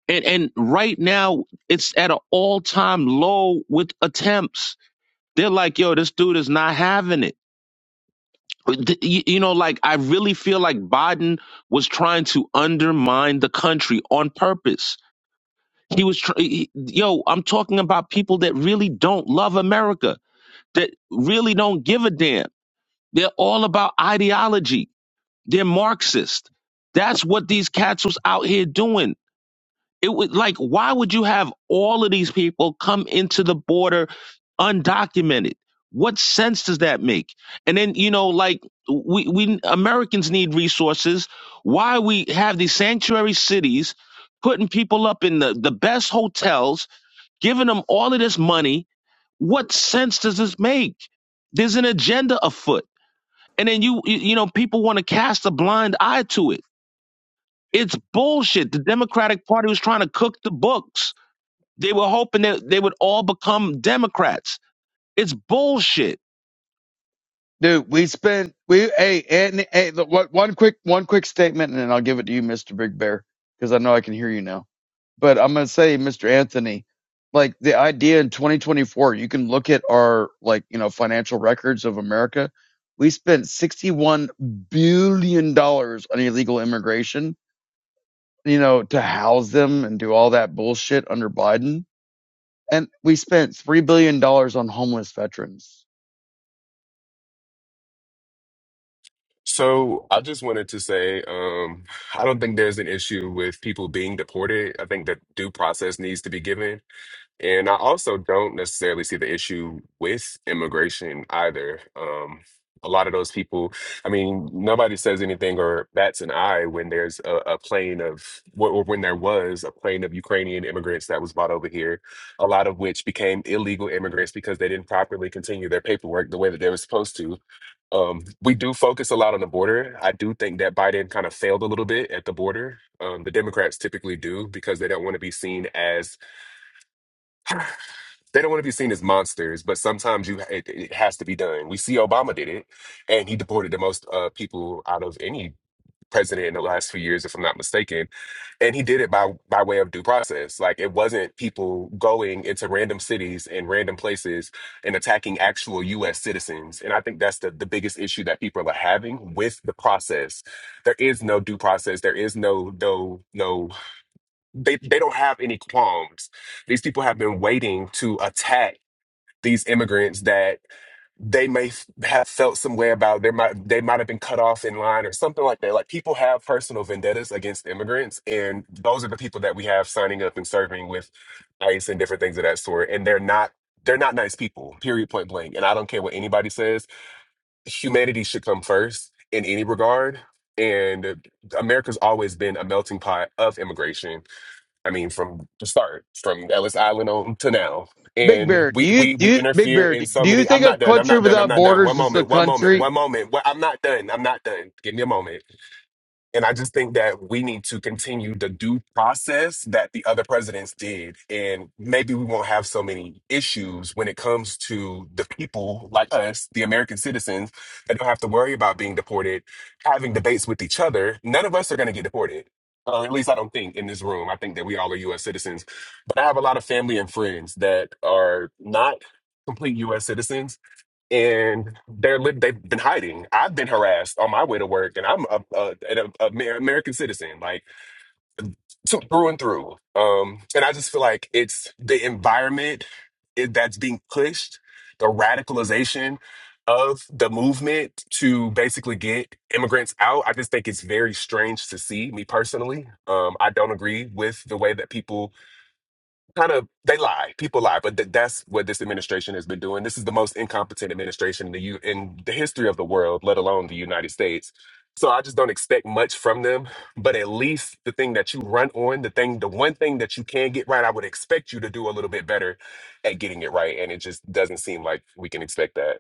And and right now it's at an all time low with attempts. They're like, yo, this dude is not having it. Th- You you know, like I really feel like Biden was trying to undermine the country on purpose. He was, tr- he- yo, I'm talking about people that really don't love America, that really don't give a damn. They're all about ideology. They're Marxist. That's what these cats was out here doing It would like why would you have all of these people come into the border undocumented? What sense does that make? And then you know like we we Americans need resources. Why we have these sanctuary cities putting people up in the, the best hotels, giving them all of this money. What sense does this make? There's an agenda afoot. And then you you you know people want to cast a blind eye to it. It's bullshit. The Democratic Party was trying to cook the books they were hoping that they would all become Democrats. It's bullshit. Dude, we spent, we, hey, and, hey, the, one one quick, one quick statement and then I'll give it to you, Mr. Big Bear, because I know I can hear you now. but I'm gonna say, Mr. Anthony, like the idea in 2024, you can look at our like you know financial records of America. We spent 61 billion dollars on illegal immigration, you know, to house them and do all that bullshit under Biden, and we spent three billion dollars on homeless veterans. So I just wanted to say, um, I don't think there's an issue with people being deported. I think that due process needs to be given And I also don't necessarily see the issue with immigration either. Um, a lot of those people, I mean, nobody says anything or bats an eye when there's a, a plane of, wh- or when there was a plane of Ukrainian immigrants that was brought over here, a lot of which became illegal immigrants because they didn't properly continue their paperwork the way that they were supposed to. Um, we do focus a lot on the border. I do think that Biden kind of failed a little bit at the border. Um, the Democrats typically do because they don't want to be seen as they don't want to be seen as monsters, but sometimes you it, it has to be done. We see Obama did it, and he deported the most uh, people out of any president in the last few years, if I'm not mistaken. And he did it by by way of due process. Like it wasn't people going into random cities and random places and attacking actual U.S. citizens. And I think that's the the biggest issue that people are having with the process. There is no due process. There is no no no. They they don't have any qualms. These people have been waiting to attack these immigrants that they may f- have felt some way about they might they might have been cut off in line or something like that like people have personal vendettas against immigrants and those are the people that we have signing up and serving with ice and different things of that sort and they're not they're not nice people period point blank and i don't care what anybody says humanity should come first in any regard and america's always been a melting pot of immigration I mean, from the start, from Ellis Island on to now. Big And Bear, do we, you we do we you, Big interfere Bear? in Do, so you many. I'm think a not done. I'm country not done. I'm without not done. One borders is a moment. One moment. country? One moment. What, I'm not done. I'm not done. Give me a moment. And I just think that we need to continue the due process that the other presidents did. And maybe we won't have so many issues when it comes to the people like us, the American citizens, that don't have to worry about being deported, having debates with each other. None of us are going to get deported. Or at least I don't think in this room. I think that we all are US citizens. But I have a lot of family and friends that are not complete US citizens and they're li- they've been hiding. I've been harassed on my way to work, and I'm a, a, an a- Amer- American citizen, like so through and through. Um, and I just feel like it's the environment it, that's being pushed, the radicalization of the movement to basically get immigrants out. I just think it's very strange to see. Me personally, um, I don't agree with the way that people kind of they lie. People lie, but th- that's what this administration has been doing. This is the most incompetent administration in the U- in the history of the world, let alone the United States. So I just don't expect much from them. But at least the thing that you run on, the thing, the one thing that you can get right, I would expect you to do a little bit better at getting it right, and it just doesn't seem like we can expect that.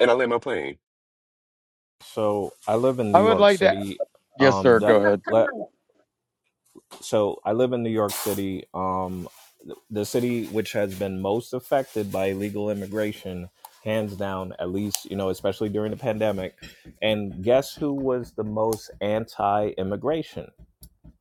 And I land my plane. So I live in I New would York like to. City. Yes, Um, sir. the, Go ahead, come le, on. What- so I live in New York City, um, th- the city which has been most affected by illegal immigration, hands down. At least you know, especially during the pandemic. And guess who was the most anti-immigration?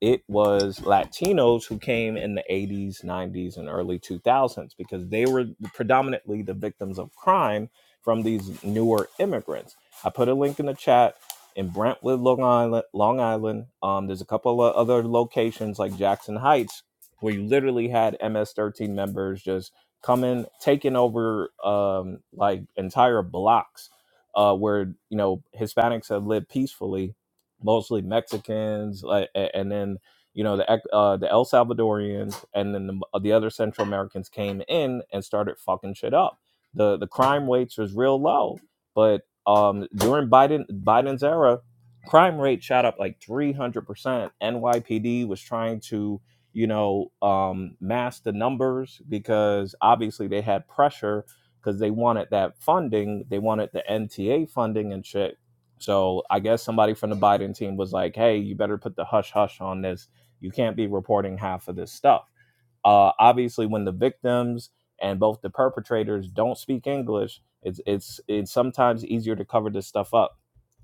it was Latinos who came in the 80s, 90s, and early 2000s because they were predominantly the victims of crime from these newer immigrants. I put a link in the chat in Brentwood, Long Island. Long Island. Um, there's a couple of other locations like Jackson Heights where you literally had MS-13 members just coming, taking over um, like entire blocks uh, where you know Hispanics have lived peacefully mostly Mexicans, like, and then you know the uh, the El Salvadorians, and then the, the other Central Americans came in and started fucking shit up. the The crime rates was real low, but um, during Biden Biden's era, crime rate shot up like three hundred percent. NYPD was trying to you know um, mask the numbers because obviously they had pressure because they wanted that funding, they wanted the NTA funding and shit so I guess somebody from the Biden team was like, hey, you better put the hush hush on this. You can't be reporting half of this stuff. Uh, obviously, when the victims and both the perpetrators don't speak English, it's it's it's sometimes easier to cover this stuff up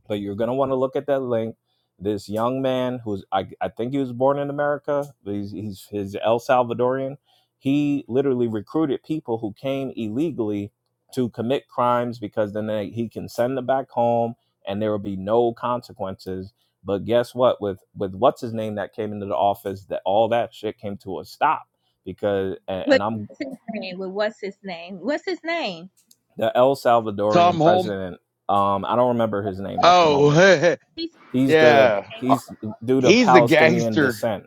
but you're going to want to look at that link. This young man, who's I, I think he was born in America, but he's, he's his El Salvadorian. He literally recruited people who came illegally to commit crimes because then they, he can send them back home and there will be no consequences. But guess what? With with what's his name that came into the office, that all that shit came to a stop because and, and What's I'm his name? Well, what's his name? What's his name? the El Tom Salvadorian Holm. president. Um, I don't remember his name at the moment Oh, He's He's the yeah. he's due to He's a Palestinian gangster. descent.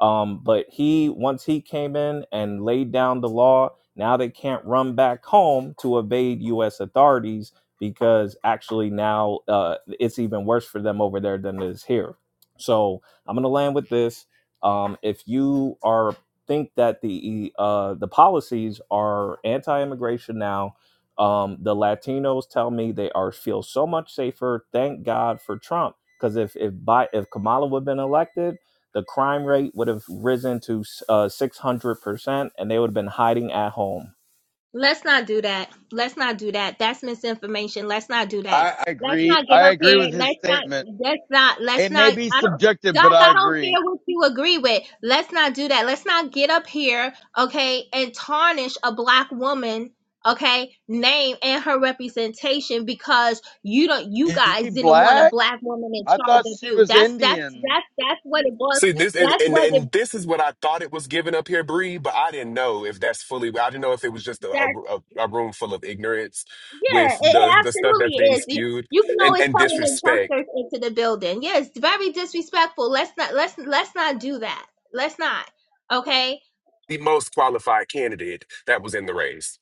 Um, but he once he came in and laid down the law, now they can't run back home to evade U.S. authorities because actually now uh, it's even worse for them over there than it is here. So I'm gonna land with this. Um, if you are think that the uh, the policies are anti-immigration now, um, the Latinos tell me they are feel so much safer. Thank God for Trump because if if Bi- if Kamala would have been elected, the crime rate would have risen to uh six hundred percent, and they would have been hiding at home. Let's not do that. Let's not do that. That's misinformation. Let's not do that. I, I Let's agree. not get I up agree here. with his Let's not. statement. Let's not. Let's It may not. be I don't. subjective, but Doc, I I don't agree. care what you agree with. Let's not do that. Let's not get up here, okay, and tarnish a black woman, okay, name and her representation because you don't. You Is guys she didn't want a black? black woman in I charge thought of she you. was That's that's Indian. that's that's what it was. See this, and, That's and what it. and this is what I thought it was given up here, Bree. But I didn't know if that's fully. I didn't know if it was just a, that, a, a room full of ignorance Yeah, with it, it the the stuff that's absolutely being is. You, spewed you can and always and tell when a disrespect. jumpster's into the building. Yeah, it's very disrespectful. Let's not let's let's not do that. Let's not. Okay, The most qualified candidate that was in the race.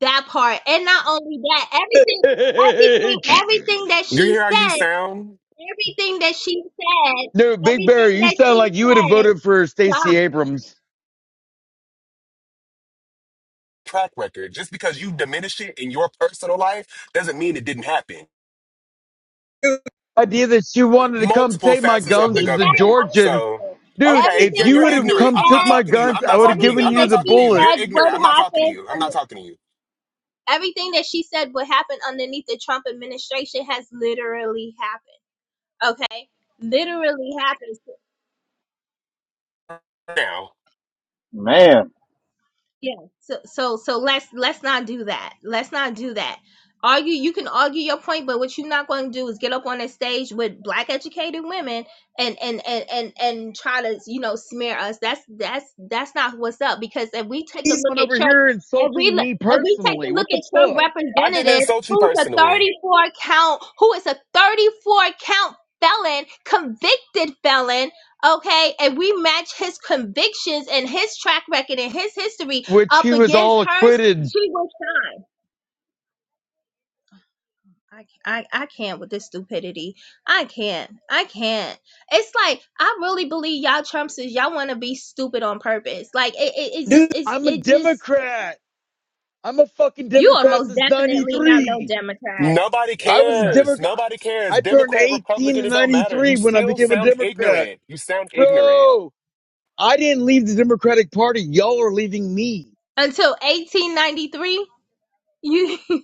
that part, and not only that, everything, no, everything, everything that You she hear how you said, sound? everything that she said, Big Bear, everything you that sound she like you would have said, voted for Stacey God, Abrams. Track record. Just because you diminish it in your personal life doesn't mean it didn't happen. Idea that she wanted to come Multiple take my facets everything of the guns she as a said government. had Georgian. So. happened. Dude, Okay, if yeah, Everything you you're would that have she ignorant. come I'm took not said, my talking to you. guns, I'm I not would have talking to you. given I'm everything you not that the talking to she you. bullet. You're said ignorant. would I'm not talking to you. I'm happen. not talking to you. Everything that she said would happen underneath the Trump administration has literally happened. Okay? Literally happened. now. Man Yeah. So so so let's let's not do that. Let's not do that. Argue you can argue your point, but what you're not going to do is get up on a stage with black educated women and and and and and try to you know smear us. That's that's that's not what's up. Because if we take a He's look on at over church, here if we insulting look, me if we take a personally. look What the at your fuck? I didn't representative, insult you who's a personally. 34 count, who is a 34 count felon, convicted felon, okay, and we match his convictions and his track record and his history Which up he was against all hers, acquitted. she will shine. I, I, I can't with this stupidity. I can't. I can't. It's like I really believe y'all Trumpsters, y'all want to be stupid on purpose. Like it, it, it just, Dude, it's, I'm a it just. Democrat. I'm a fucking You are Democrat most since definitely not no 93. Democrat. Nobody I was You a cares. Democrat. Nobody cares. I turned Democrat, 18 Republican, in it don't matter. You 93 when I still became a sound Democrat. ignorant. You sound ignorant. Bro, I didn't leave the Democratic Party. Y'all are leaving me. are- Until 1893, you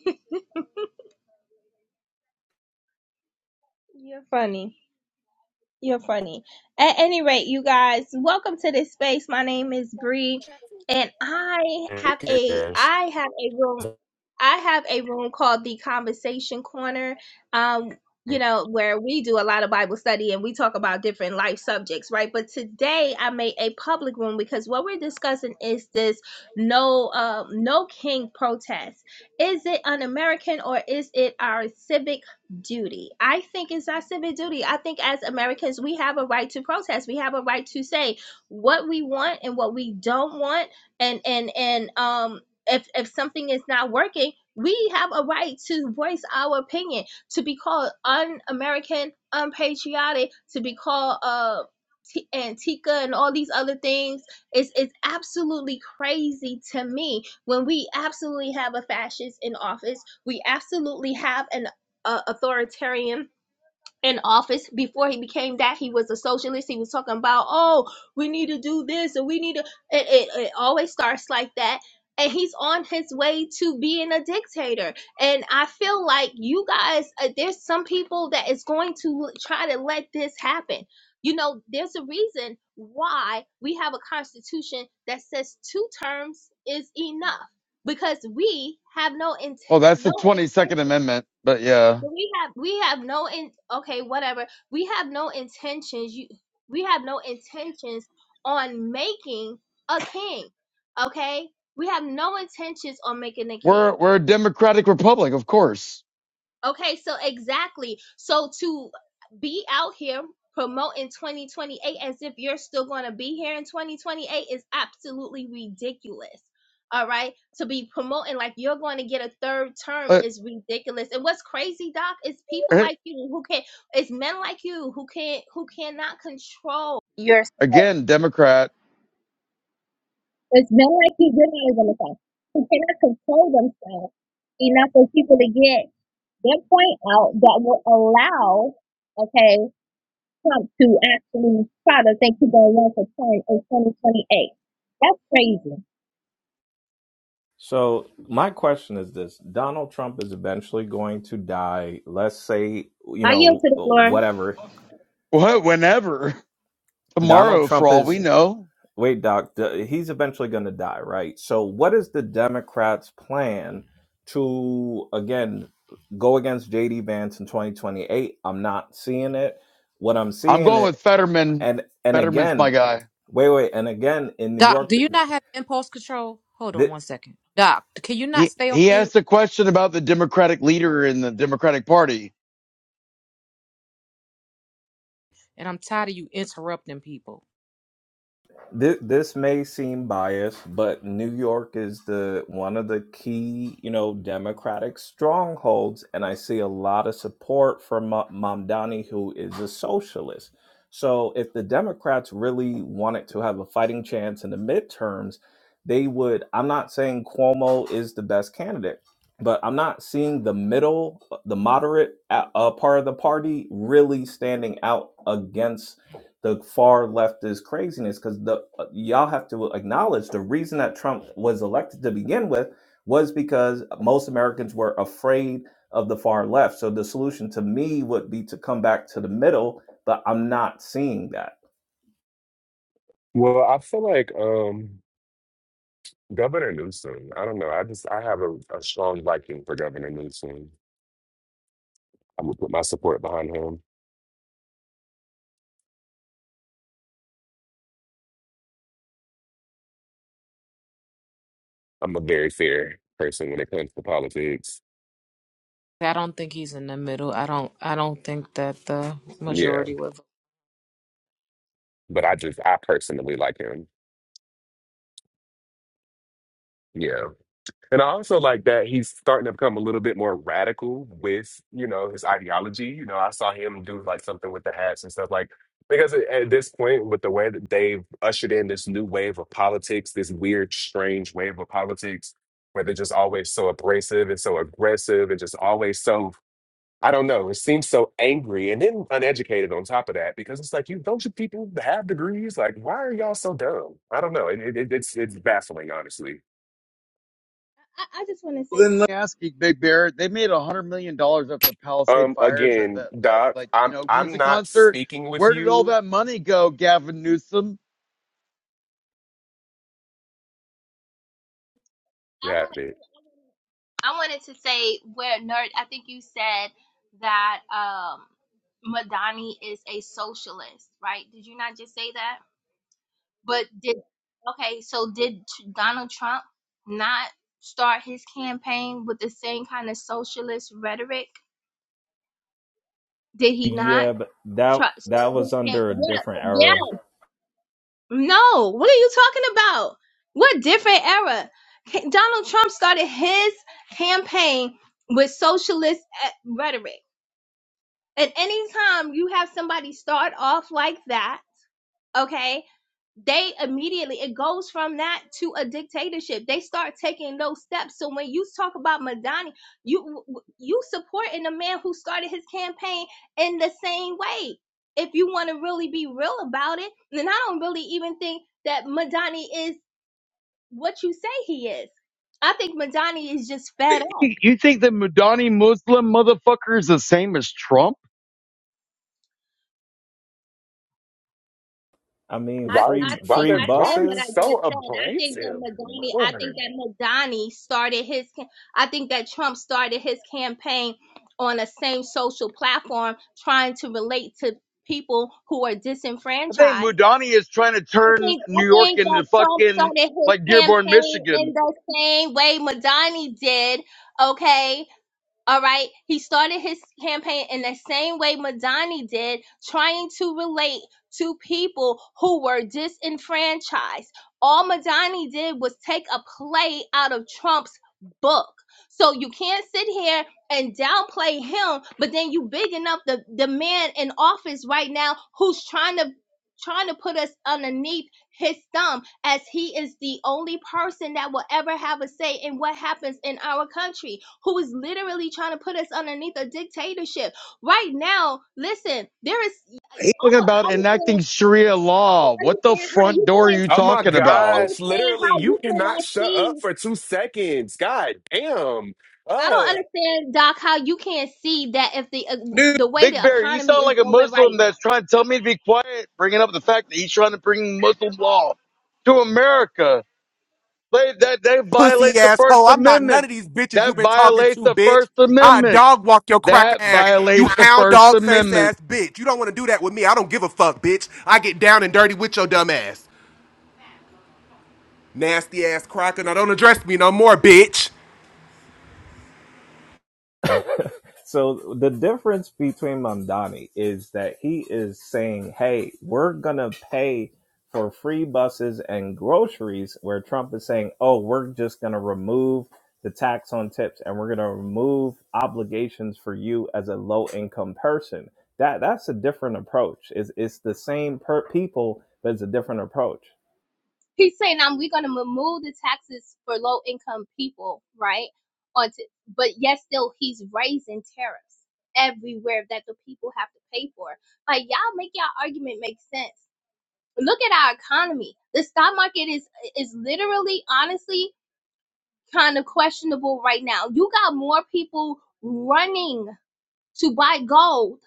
you're funny. You're funny. At any rate, you guys, welcome to this space. My name is Bree, and I have a I have a room. I have a room called the Conversation Corner, um, you know, where we do a lot of Bible study and we talk about different life subjects, right? But today I made a public room because what we're discussing is this no, uh, no king protest. Is it un-American or is it our civic duty? I think it's our civic duty. I think as Americans we have a right to protest. We have a right to say what we want and what we don't want and and and um if if something is not working, we have a right to voice our opinion, to be called un-American, unpatriotic, to be called uh T- Antica and all these other things. It's it's absolutely crazy to me when we absolutely have a fascist in office. We absolutely have an uh, authoritarian in office before he became that he was a socialist he was talking about oh we need to do this and we need to it, it, it always starts like that and he's on his way to being a dictator and i feel like you guys uh, there's some people that is going to try to let this happen you know there's a reason why we have a constitution that says two terms is enough because we have no int- Oh, that's no the 22nd intention Amendment. But yeah, we have we have no in okay whatever we have no intentions you we have no intentions on making a king okay we have no intentions on making a king we're, we're a Democratic Republic, of course. Okay, so exactly. So to be out here promoting 2028 as if you're still going to be here in 2028 is absolutely ridiculous. All right, to be promoting like you're going to get a third term But is ridiculous. And what's crazy, Doc, is people eh, like you who can, not it's men like you who can't, who cannot control your, again, Democrat, it's men like you, you're not even a who cannot control themselves enough for people to get that point out that will allow, okay, Trump to actually try to think he's going to run for term in 2028. That's crazy. So my question is this: Donald Trump is eventually going to die. Let's say you I yield know to the floor. I, whatever. what, whenever, Donald tomorrow for Trump all is we know. wait, Doc. th- He's eventually going to die, right? So what is the Democrats' plan to again go against JD Vance in 2028? I'm not seeing it. What I'm I'm going seeing with Fetterman. and and Fetterman's my again guy. wait wait and again in new Doc, york do th- you not have impulse control? Hold on th- one second. Doc, can you not He, stay on he mute? asked a question about the Democratic leader in the Democratic Party And I'm tired of you interrupting people. this, this may seem biased, but New York is the one of the key, you know, Democratic strongholds, and I see a lot of support from Ma- Mamdani, who is a socialist. So, if the Democrats really wanted to have a fighting chance in the midterms, they would. I'm not saying Cuomo is the best candidate, but I'm not seeing the middle, the moderate uh, uh, part of the party really standing out against the far left is craziness because the uh, y'all have to acknowledge the reason that Trump was elected to begin with was because most Americans were afraid of the far left. So the solution to me would be to come back to the middle, but I'm not seeing that. Well, I feel like um Governor Newsom. I don't know. I just I have a, a strong liking for Governor Newsom. I'm gonna put my support behind him. I'm a very fair person when it comes to politics. I don't think he's in the middle. I don't I don't think that the Yeah, majority would but I just I personally like him. Yeah. And I also like that he's starting to become a little bit more radical with, you know, his ideology. You know, I saw him do like something with the hats and stuff like because at at this point, with the way that they've ushered in this new wave of politics, this weird, strange wave of politics where they're just always so abrasive and so aggressive and just always so, I don't know, it seems so angry and then uneducated on top of that because it's like, you don't you people have degrees? Like, why are y'all so dumb? I don't know. It, it, it's, it's baffling, honestly. I just want to Well, say, then let me ask you, Big Bear. They made a hundred million dollars off the Palisade Um, fires. That, again, that that Doc, like you I'm know I'm music not concert. speaking with Where did all you. that money go, Gavin Newsom? You I want have to. it. I wanted to say where nerd. I think you said that um, Madani is a socialist, right? Did you not just say that? But did okay? So did Tr- Donald Trump not start his campaign with the same kind of socialist rhetoric? Did he not Yeah, but that try start that his was under a campaign? different era. No. What are you talking about? What different era? Ca- Donald Trump started his campaign with socialist eh, rhetoric. At any time you have somebody start off like that, okay they immediately it goes from that to a dictatorship they start taking those steps so when you talk about madani you you supporting a man who started his campaign in the same way if you want to really be real about it then i don't really even think that madani is what you say he is i think madani is just fed up You you think the Mudani Muslim motherfucker is the same as Trump? I mean, I Why free I why think free I does said why what I it's buses. so just said. I think that abrasive? Madani I think Lord. that Madani started his ca- I think that Trump started his campaign on the same social platform trying to relate to people who are I think disenfranchised. Mudani is trying to I turn think I New York think into that Trump fucking started his like Dearborn, campaign in Michigan. the same way Madani did, okay? All right. He started his campaign in the same way Madani did, trying to relate to people who were disenfranchised. All Madani did was take a play out of Trump's book. So you can't sit here and downplay him, but then you big enough the, the man in office right now who's trying to trying to put us underneath his thumb as he is the only person that will ever have a say in what happens in our country, who is literally trying to put us underneath a dictatorship. Right now, listen, there is I He's talking don't about enacting understand Sharia I don't law. What the understand how front you door are can you Oh I, my talking can't, I don't about? gosh, understand literally, how you you cannot cannot shut up see for two seconds. God damn. I don't Uh understand, Doc, how you can't see that if the uh, Dude, the way Big the Bear, you economy sound is like a going right Muslim now. that's trying to tell me to be quiet, bringing up the fact that he's trying to bring Muslim law to America. They, that that Pussy violates the First asshole. I'm not none Amendment. of these bitches you That been talking violates to, the bitch. First I Amendment. dog walk your crack That ass. You violates the hound First dog face Amendment. ass bitch. You don't want to do that with me. I don't give a fuck, bitch. I get down and dirty with your dumb ass. Nasty ass cracker. Now don't address me no more, bitch. So the difference between Mamdani is that he is saying, "Hey, we're gonna pay for free buses and groceries," where Trump is saying, "Oh, we're just gonna remove the tax on tips and we're gonna remove obligations for you as a low income person." That that's a different approach. It's it's the same per people, but it's a different approach. he's saying um, we're going to remove the taxes for low income people right on t- but yet still he's raising tariffs everywhere that the people have to pay for like y'all make y'all argument make sense look at our economy the stock market is is literally honestly kind of questionable right now you got more people running to buy gold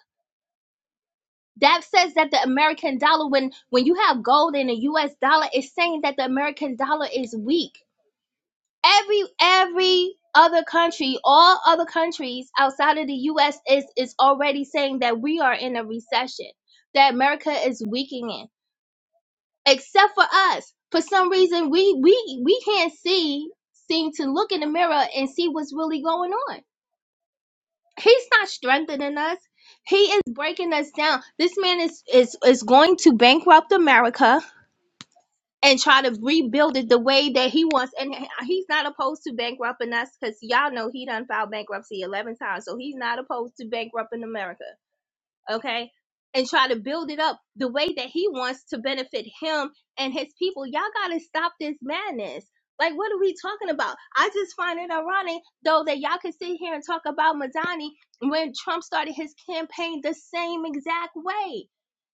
that says that the american dollar when when you have gold in the us dollar it's saying that the american dollar is weak every every other country, all other countries outside of the US is is already saying that we are in a recession, that America is weakening, except for us. For some reason we we we can't see seem to look in the mirror and see what's really going on. He's not strengthening us. He is breaking us down. This man is is is going to bankrupt America and try to rebuild it the way that he wants. And he's not opposed to bankrupting us because y'all know he done filed bankruptcy 11 times. So he's not opposed to bankrupting America okay, and try to build it up the way that he wants to benefit him and his people. Y'all gotta stop this madness. Like, what are we talking about? I just find it ironic, though, that y'all can sit here and talk about Madani when Trump started his campaign the same exact way.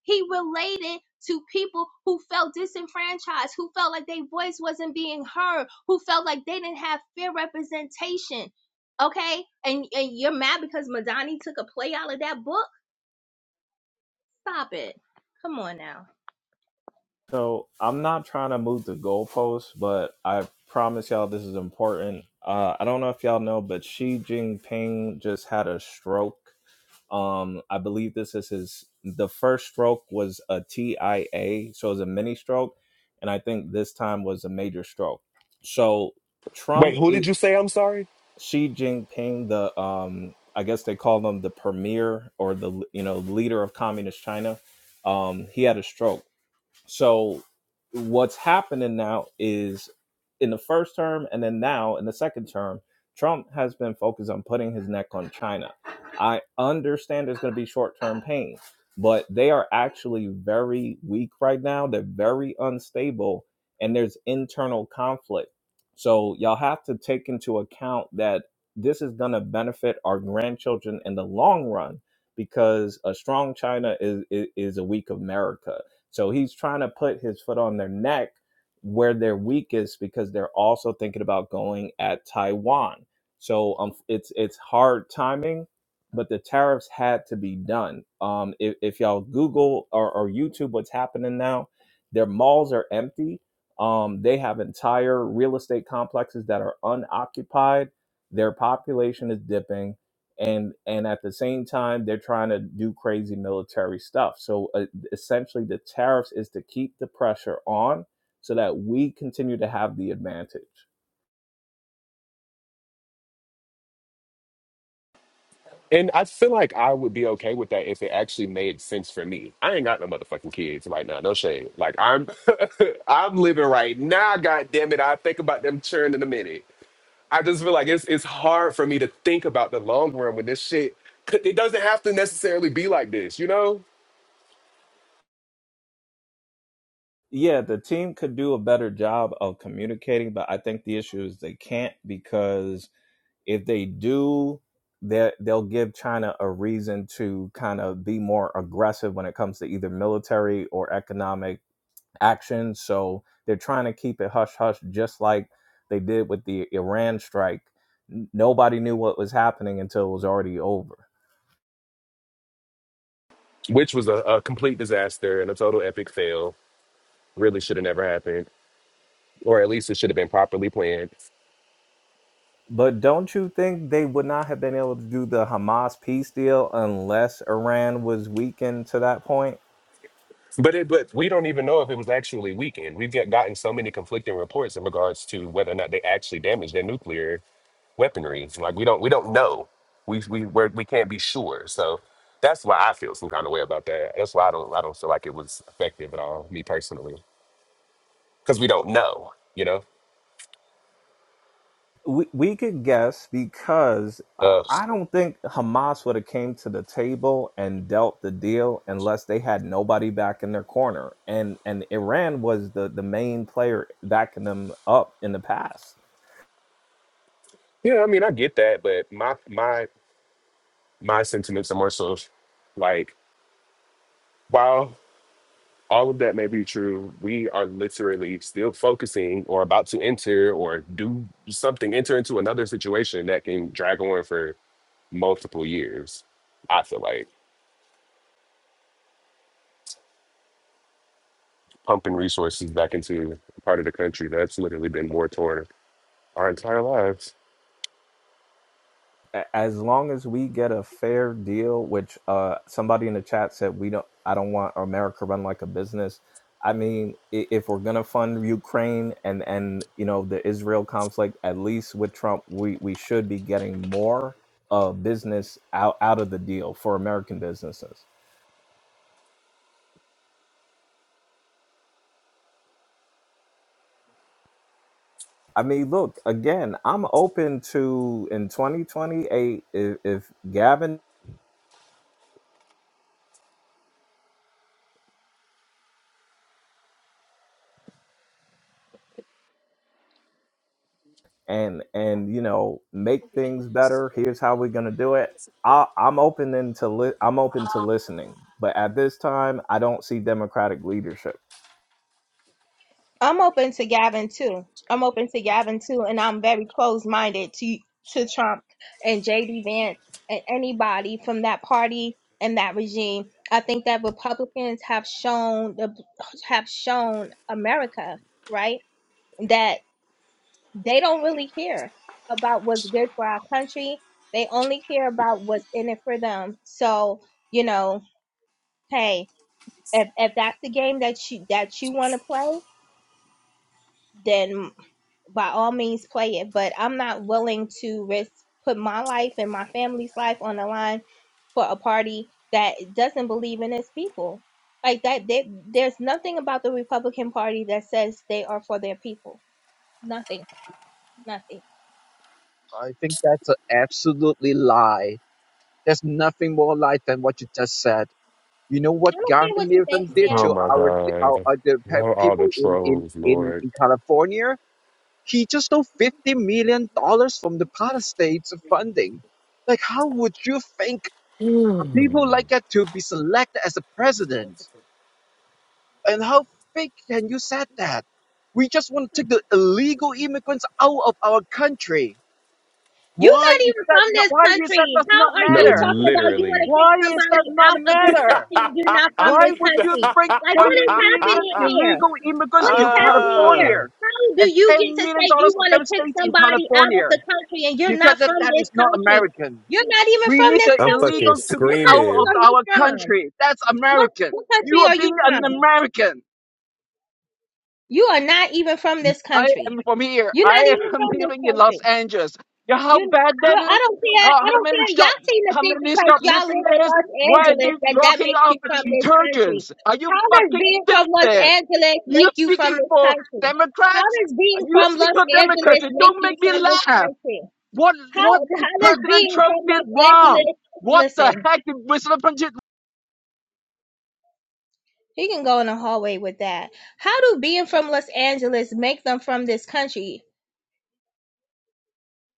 He related to people who felt disenfranchised, who felt like their voice wasn't being heard, who felt like they didn't have fair representation. Okay? And, and you're mad because Madani took a play out of that book? Stop it. Come on now. So I'm not trying to move the goalposts, but I promise y'all this is important. Uh, I don't know if y'all know, but Xi Jinping just had a stroke. Um, I believe this is his. The first stroke was a TIA, so it was a mini stroke, and I think this time was a major stroke. So Wait, Trump, who did it, you say? I'm sorry. Xi Jinping, the um, I guess they call him the premier or the you know leader of communist China. Um, he had a stroke so what's happening now is in the first term and then now in the second term, Trump has been focused on putting his neck on China. I understand there's going to be short term pain, but they are actually very weak right now. They're very unstable and there's internal conflict. So y'all have to take into account that this is going to benefit our grandchildren in the long run because a strong China is, is, is a weak America so he's trying to put his foot on their neck where they're weakest because they're also thinking about going at Taiwan. So um, it's it's hard timing, but the tariffs had to be done. Um, if, if y'all Google or, or YouTube what's happening now, their malls are empty. Um, they have entire real estate complexes that are unoccupied. Their population is dipping and and at the same time they're trying to do crazy military stuff so uh, essentially the tariffs is to keep the pressure on so that we continue to have the advantage. And I feel like I would be okay with that if it actually made sense for me. I ain't got no motherfucking kids right now. No shade. Like I'm, I'm living right now. God damn it! I think about them churn in a minute. I just feel like it's it's hard for me to think about the long run when this shit. It doesn't have to necessarily be like this, you know. Yeah, the team could do a better job of communicating, but I think the issue is they can't because if they do, they they'll give China a reason to kind of be more aggressive when it comes to either military or economic action. So they're trying to keep it hush hush, just like they did with the Iran strike. Nobody knew what was happening until it was already over. Which was a, a complete disaster and a total epic fail. Really should have never happened, or at least it should have been properly planned. But don't you think they would not have been able to do the Hamas peace deal unless Iran was weakened to that point? But it, but we don't even know if it was actually weakened. We've get, gotten so many conflicting reports in regards to whether or not they actually damaged their nuclear weaponry. Like we don't we don't know. We we we're, we can't be sure. So that's why I feel some kind of way about that. That's why I don't I don't feel like it was effective at all, me personally, because we don't know. You know. We we could guess because uh, Uh, I don't think Hamas would have came to the table and dealt the deal unless they had nobody back in their corner, and and Iran was the the main player backing them up in the past. yeah, I mean I get that, but my my my sentiments are more so like wow. all of that may be true. We are literally still focusing or about to enter or do something, enter into another situation that can drag on for multiple years. I feel like pumping resources back into a part of the country that's literally been war torn our entire lives. a- as long as we get a fair deal, which uh, somebody in the chat said we don't, I don't want America run like a business. I mean, i- if we're gonna fund Ukraine and and you know the Israel conflict, at least with Trump, we we should be getting more uh, business out out of the deal for American businesses. I mean, look again. I'm open to in 2028 if, if Gavin and and you know make things better here's how we're going to do it I, i'm open into li- i'm open to listening but at this time i don't see democratic leadership I'm open to Gavin too. I'm open to Gavin too, and I'm very close minded to to Trump and JD Vance and anybody from that party and that regime. I think that Republicans have shown the have shown America right that they don't really care about what's good for our country. They only care about what's in it for them. So, you know, hey, if if that's the game that you that you want to play, then by all means play it. But I'm not willing to risk put my life and my family's life on the line for a party that doesn't believe in its people. Like that, they, there's nothing about the Republican Party that says they are for their people. Nothing, nothing. I think that's an absolutely lie. There's nothing more lie than what you just said. You know I what don't Gavin care what you think, Newsom did Sam. Oh to my our, our, God. our the pe- Love all the people in, in, trolls, in, Lord. in California? He just stole fifty million dollars from the part of states funding. Like, how would you think people like that to be selected as a president? And how fake can you said that? We just want to take the illegal immigrants out of our country. You're Why not is even that? from Not, this why is that country. does not How are you No, matter? talking about you want to literally. kick Why is that somebody not a out of this matter? country? and You're not from Why this would you country. bring Like, what 20 is million happening here? illegal immigrants What is to happening here? Ah, California How do and you get 10 to million say you dollars of want to them kick stays in somebody out of California? the country and you're not Because that, from that this is not country? American. You're not even We from need this the I'm country. fucking illegal to be What out country of screaming. are you our from? country. That's What, American. what You country are are you being an from? American. You are not even from this I country. am from here. You're I not even am from this living in Los country. Angeles. You know how You, bad you, that is? I don't care. How, I how don't many care. shop Y'all seem to how think many because y'all shoplifting live in there is? Los Why are they Angeles that that locking makes you off the from this country. detergents? Are you How does fucking being from Los stupid? Angeles You make you from speaking this for country? How Democrats? does being You from speak Los for Angeles Democrats. It make don't you make me from this laugh. country? What How what how does President being Trump from did Los wrong? Angeles What the listen? heck did President He can go in the hallway with that. How do being from Los Angeles make them from this country?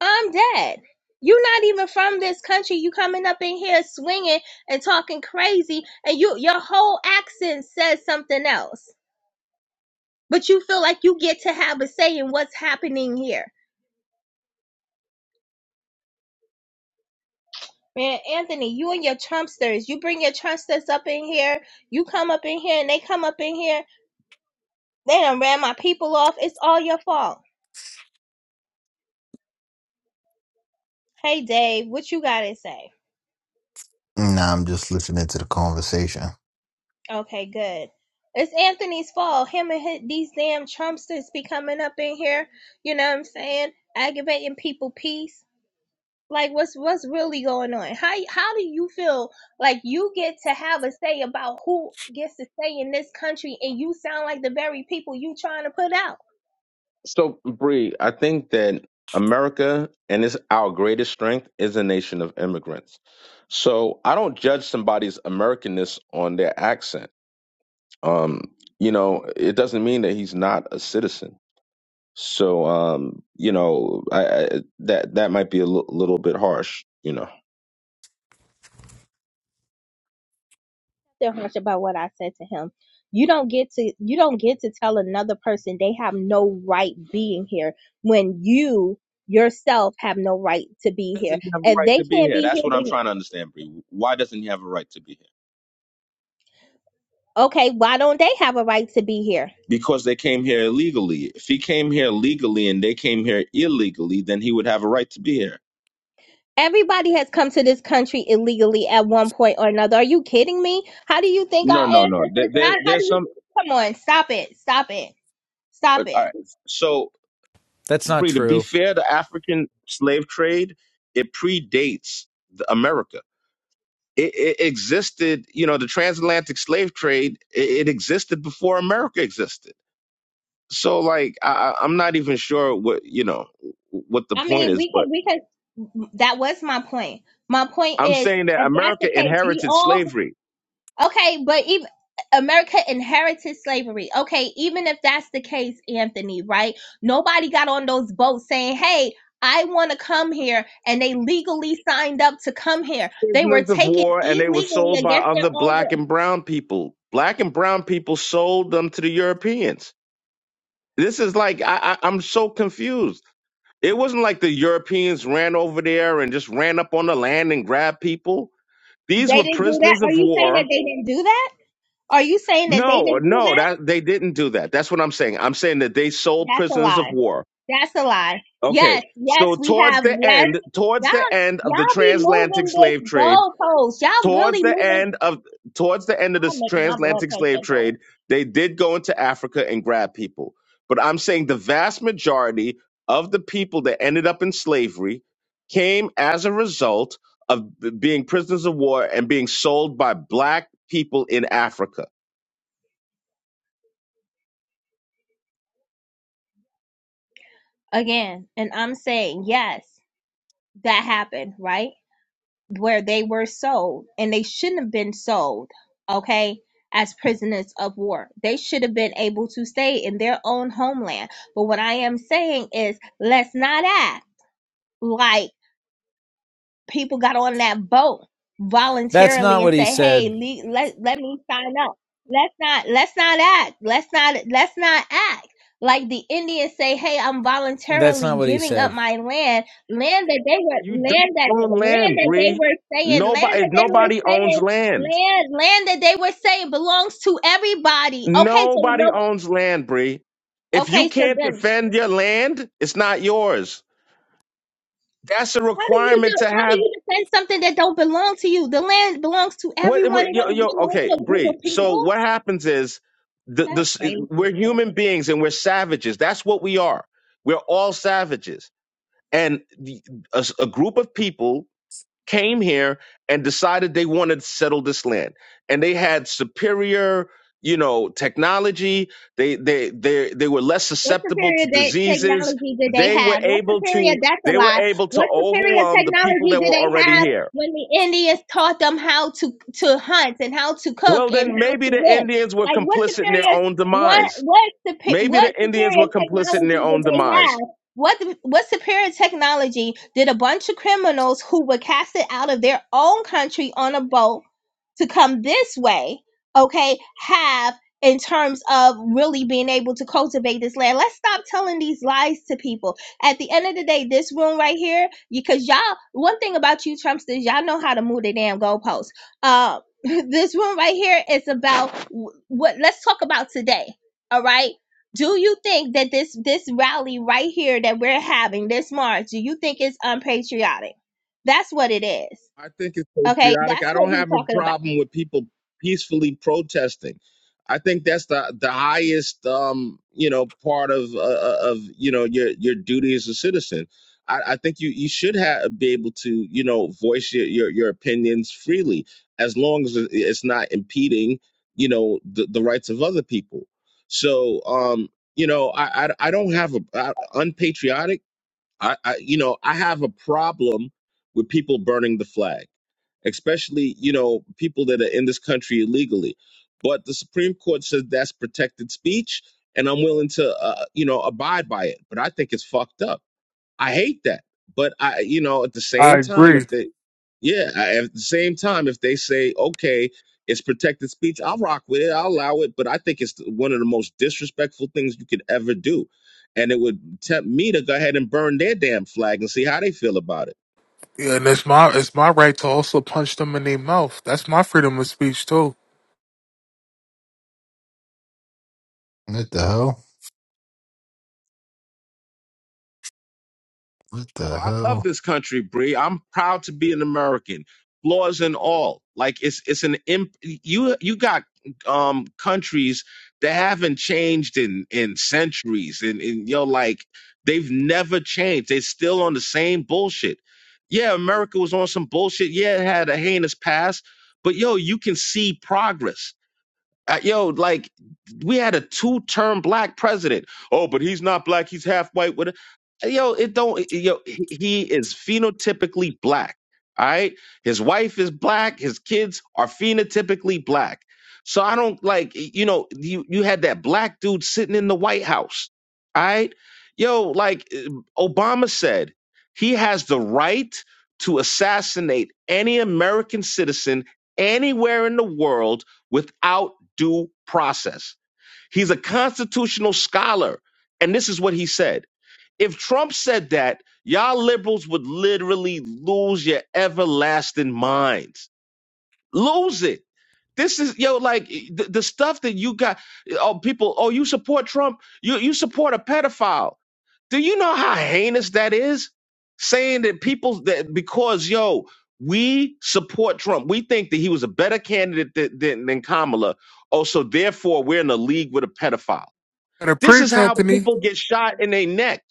I'm dead. You're not even from this country. You coming up in here swinging and talking crazy, and you your whole accent says something else. But you feel like you get to have a say in what's happening here. Man, Anthony, you and your Trumpsters, you bring your Trumpsters up in here, you come up in here, and they come up in here, they done ran my people off. It's all your fault. Hey, Dave, what you got to say? Nah, I'm just listening to the conversation. Okay, good. It's Anthony's fault. Him and his, these damn Trumpsters be coming up in here, you know what I'm saying? Aggravating people peace. Like what's what's really going on? How how do you feel like you get to have a say about who gets to stay in this country and you sound like the very people you trying to put out? So, Bree, I think that America and it's our greatest strength is a nation of immigrants. So I don't judge somebody's Americanness on their accent. Um, you know, it doesn't mean that he's not a citizen. So, um, you know, I, I, that that might be a l- little bit harsh. You know, that much about what I said to him. You don't get to you don't get to tell another person they have no right being here when you yourself have no right to be here. doesn't he have a If right they to be can't here? be here, That's what I'm trying to then- understand, Bree. Why doesn't he have a right to be here? okay, why don't they have a right to be here? because they came here illegally. If he came here legally and they came here illegally, then he would have a right to be here. Everybody has come to this country illegally at one point or another. Are you kidding me? How do you think No, our no, no. There, ancestors? there How how there's do you? some. Come on, stop it, stop it. Stop uh, All it. right. So, That's not Bree, to be true. fair, the African slave trade it predates the America. It, it existed, you know, the transatlantic slave trade. It, it existed before America existed. So, like, I, I- I'm not even sure what you know what the I point mean, is, but that was my point. My point I'm is, saying that if that's America the case, we inherited all slavery. okay. But even America inherited slavery. Okay, even if that's the case, Anthony, right? Nobody got on those boats saying, "Hey, I want to come here," and they legally signed up to come here. They were prisoners of taken war and they were illegally sold by against their other own black will. and brown people. Black and brown people sold them to the Europeans. This is like I, I, I'm so confused. It wasn't like the Europeans ran over there and just ran up on the land and grabbed people. These They were didn't do that. prisoners Are of you saying that war. they didn't do that? Are you saying that they No, didn't do no, that? that they didn't do that. That's what I'm saying. I'm saying that they sold That's a prisoners of lie. war. That's a lie. Okay. Yes, yes, So we towards have. the Yes, end, towards the y'all, end of y'all the be moved. transatlantic slave trade, Y'all towards the willing end of towards the end of this transatlantic slave trade, they did go into Africa and grab people. But I'm saying the vast majority of the people that ended up in slavery came as a result of b- being prisoners of war and being sold by black people in Africa. again. And I'm saying, yes, that happened, right? Where they were sold and they shouldn't have been sold, okay? As prisoners of war, they should have been able to stay in their own homeland. But what I am saying is, let's not act like people got on that boat That's not voluntarily and what he say, "Hey, said. le- let let me sign up." Let's not let's not act. Let's not let's not act like the Indians say, "Hey, I'm That's voluntarily not what he giving up said. my land, land that they were You don't land that own land land, that they Bree. were saying, land Nobody that they were nobody owns saying." land. Land, land that they were saying belongs to everybody. Okay, so Nobody no. owns land, Bree. If you Okay, so can't then defend your land, it's not yours. That's a How do you do? requirement to How do have you defend something that don't belong to you? The land belongs to what, everyone. what It yo doesn't yo belong to okay, a group Bree. of So people. what happens is the the we're human beings and we're savages. That's what we are. We're all savages. And the, a, s- a group of people came here and decided they wanted to settle this land. And they had superior, you know, technology. They they they they were less What's the susceptible to period that diseases. technology that they They were have? What's the able period? to That's they were able to overwhelm the people that were already here the Indians taught them how to to hunt and how to Well, cook and then how to maybe the live. Indians were Like what complicit in their superior own what demise. what supe- Maybe the what Indians superior were complicit in technology their did own they demise. have? What what superior technology did a bunch of criminals who were casted out of their own country on a boat to come this way, okay, have in terms of really being able to cultivate this land? Let's stop telling these lies to people at the end of the day, this room right here, because y'all, one thing about you Trumpsters, y'all know how to move the damn goalposts. Uh, this room right here is about w- what. Let's talk about today. All right. Do you think that this this rally right here that we're having this March, do you think it's unpatriotic? That's what it is. I think it's Okay, patriotic. that's I don't what we're have a talking about. problem with people peacefully protesting. I think that's the the highest um you know part of uh, uh, of you know your your duty as a citizen. I, I think you you should have be able to you know voice your, your your opinions freely as long as it- it's not impeding you know the, the rights of other people. So um you know I I, I don't have a I, unpatriotic. I, I you know I have a problem with people burning the flag, especially you know people that are in this country illegally. But the Supreme Court says that's protected speech, and I'm willing to uh, you know abide by it. But I think it's fucked up. I hate that. But I, you know, at the I same time, if agree. they, yeah, I, at the same time, if they say, okay, it's protected speech, I'll rock with it, I'll allow it. But I think it's one of the most disrespectful things you could ever do. And it would tempt me to go ahead and burn their damn flag and see how they feel about it. Yeah, and it's my it's my right to also punch them in their mouth. That's my freedom of speech too. What the hell? What Oh, I love the this country, Bree. I'm proud to be an American, flaws and all. Like it's it's an imp- you you got um countries that haven't changed in in centuries, and and you know like they've never changed. They're still on the same bullshit. Yeah, America was on some bullshit. Yeah, it had a heinous past, but yo, you can see progress uh, yo, like we had a two-term black president. Oh, but he's not black. He's half white. What? Yo, it don't. Yo, he he is phenotypically black. All right, his wife is black. His kids are phenotypically black. So I don't like. You know, you you had that black dude sitting in the White House. All right, yo, like eh, Obama said, he has the right to assassinate any American citizen anywhere in the world without due process. He's a constitutional scholar. And this is what he said. If Trump said that, y'all liberals would literally lose your everlasting minds. Lose it. This is yo like eh, the, the stuff that you got. Oh, people. Oh, you support Trump. You you support a pedophile. Do you know how heinous that is? Saying that people that because yo, we support Trump. We think that he was a better candidate than, than, than Kamala. Oh, so therefore we're in a league with a pedophile. And a This is preach, how Anthony, people get shot in their neck.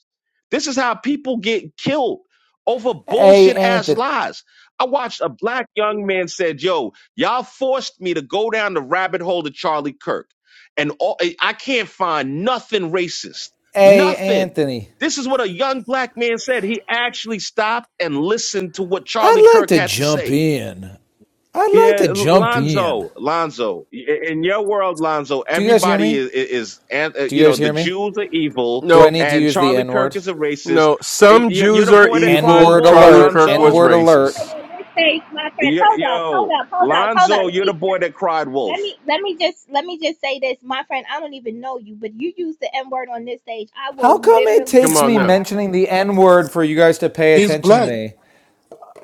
This is how people get killed over Hey, bullshit ass Anthony. lies. I watched a black young man said, "Yo, y'all forced me to go down the rabbit hole to Charlie Kirk, and all, I I can't find nothing racist, Hey, nothing." Anthony. This is what a young black man said. He actually stopped and listened to what Charlie I'd like Kirk to had to jump say. in. I'd like Yeah, to jump in. Lonzo, Lonzo. In your world, Lonzo, Do you guys hear everybody me? is, is, and uh, Do you you know, guys the hear me? Jews are evil, Do I No, need to and use the Charlie N Kirk word? is a racist. no. Y- Some y- You're Jews the are boy that N cried evil. word wolf, Charlie alert. Kirk N was Lonzo. word alert. racist. excuse me, say, my friend. Y- Hold up, hold Yo, up, hold up, hold up. Lonzo, Let you're the me boy that cried let wolf. me let me just let me just say this, my friend. I don't even know you, but you use the N word on this stage. I will How come it literally Come kick takes you on me out now. my room. mentioning the N word for you guys to pay he's attention to black. me?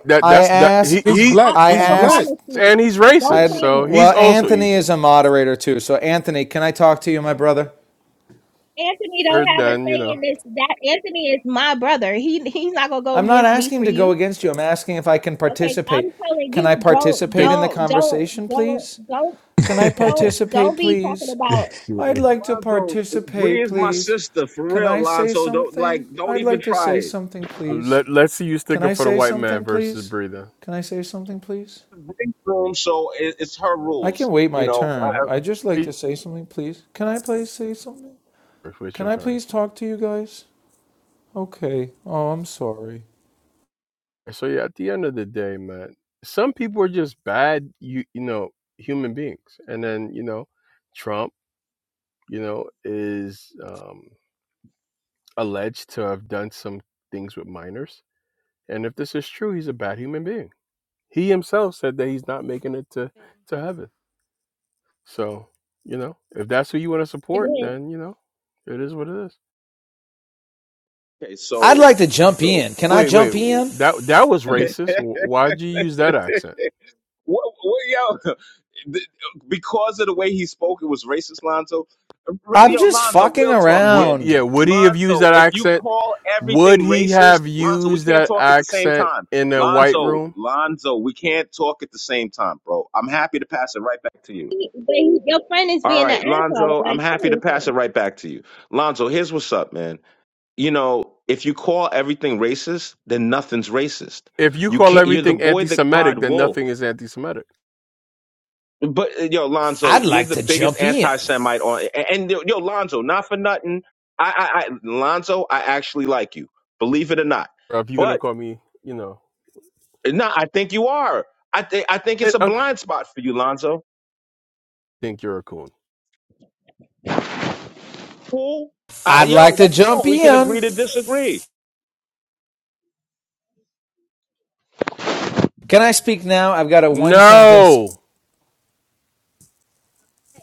That I that's that he asked. He's he I, black. I I He's will black. asked. promise you. and he's Don't racist, I. try so me. he's Well, also Anthony evil. is a moderator too. So, Anthony, can I talk to you, my brother? Anthony don't Third have a than you say know, in this. That Anthony is my brother. He he's not gonna go I'm not against me asking for to go you. against you. I'm asking if I can Okay, I'm participate. telling Can I you, don't participate think in the don't don't conversation, don't please? don't Can I hell? don't participate, don't be talking please? about I'd like to Lonzo, participate, Bree is my please. sister for Can real, I say Lonzo. Don't like, something? don't I'd like even to try say it. something, please. let let's see you Can stick up I for the say white man something, versus please? breathing. Can I say something, please? Bree's room, so it, it's her I can rules. wait You my know. I, turn. I- I'd just like to say something, please. Can I please say something? It's Can your I turn. please talk to you guys? Okay. Oh, I'm sorry. So yeah, at the end of the day, man, some people are just bad you you know, human beings. And then, you know, Trump you know, is um, alleged to have done some things with minors. And if this is true, he's a bad human being. He himself said that he's not making it to, to heaven. So, you know, if that's who you want to support, then, you know, it is what it is. okay, I'd so, like to jump so. in. Can I Wait, wait, jump in? that that was racist. Why'd you use that accent? What, what, yo, th- because of the way he spoke, it was racist, Lonzo. R- I'm Yo, just Lonzo, fucking real talk, Would, man. yeah, around. would he have used Lonzo, that if you accent? call Would everything he racist, have Lonzo, we used can't that talk at the same accent time. in a white Lonzo, room? Lonzo, we can't talk at the same time, bro. I'm happy to pass it right back to you. friend is All being an right, asshole. Lonzo, I'm Like happy to pass it seriously. right back to you. Lonzo, here's what's up, man. You know, if you call everything racist, then nothing's racist. If you You call can't. You're the everything boy anti that cried Semitic, then wolf. nothing is anti Semitic. But uh, yo, Lonzo, I'd you're like the to biggest jump in. anti-Semite on. And, and, yo, Lonzo, not for nothing. I, I, I, Lonzo, I actually like you. Believe it or not. Bro, if you're gonna But call me, you know, no, I think you are. I think I think and it's a okay, blind spot for you, Lonzo. I think you're a coon. Cool. I, I'd yo, like to that's jump cool. We can in. agree to disagree. Can I speak now? I've got a one sentence. No,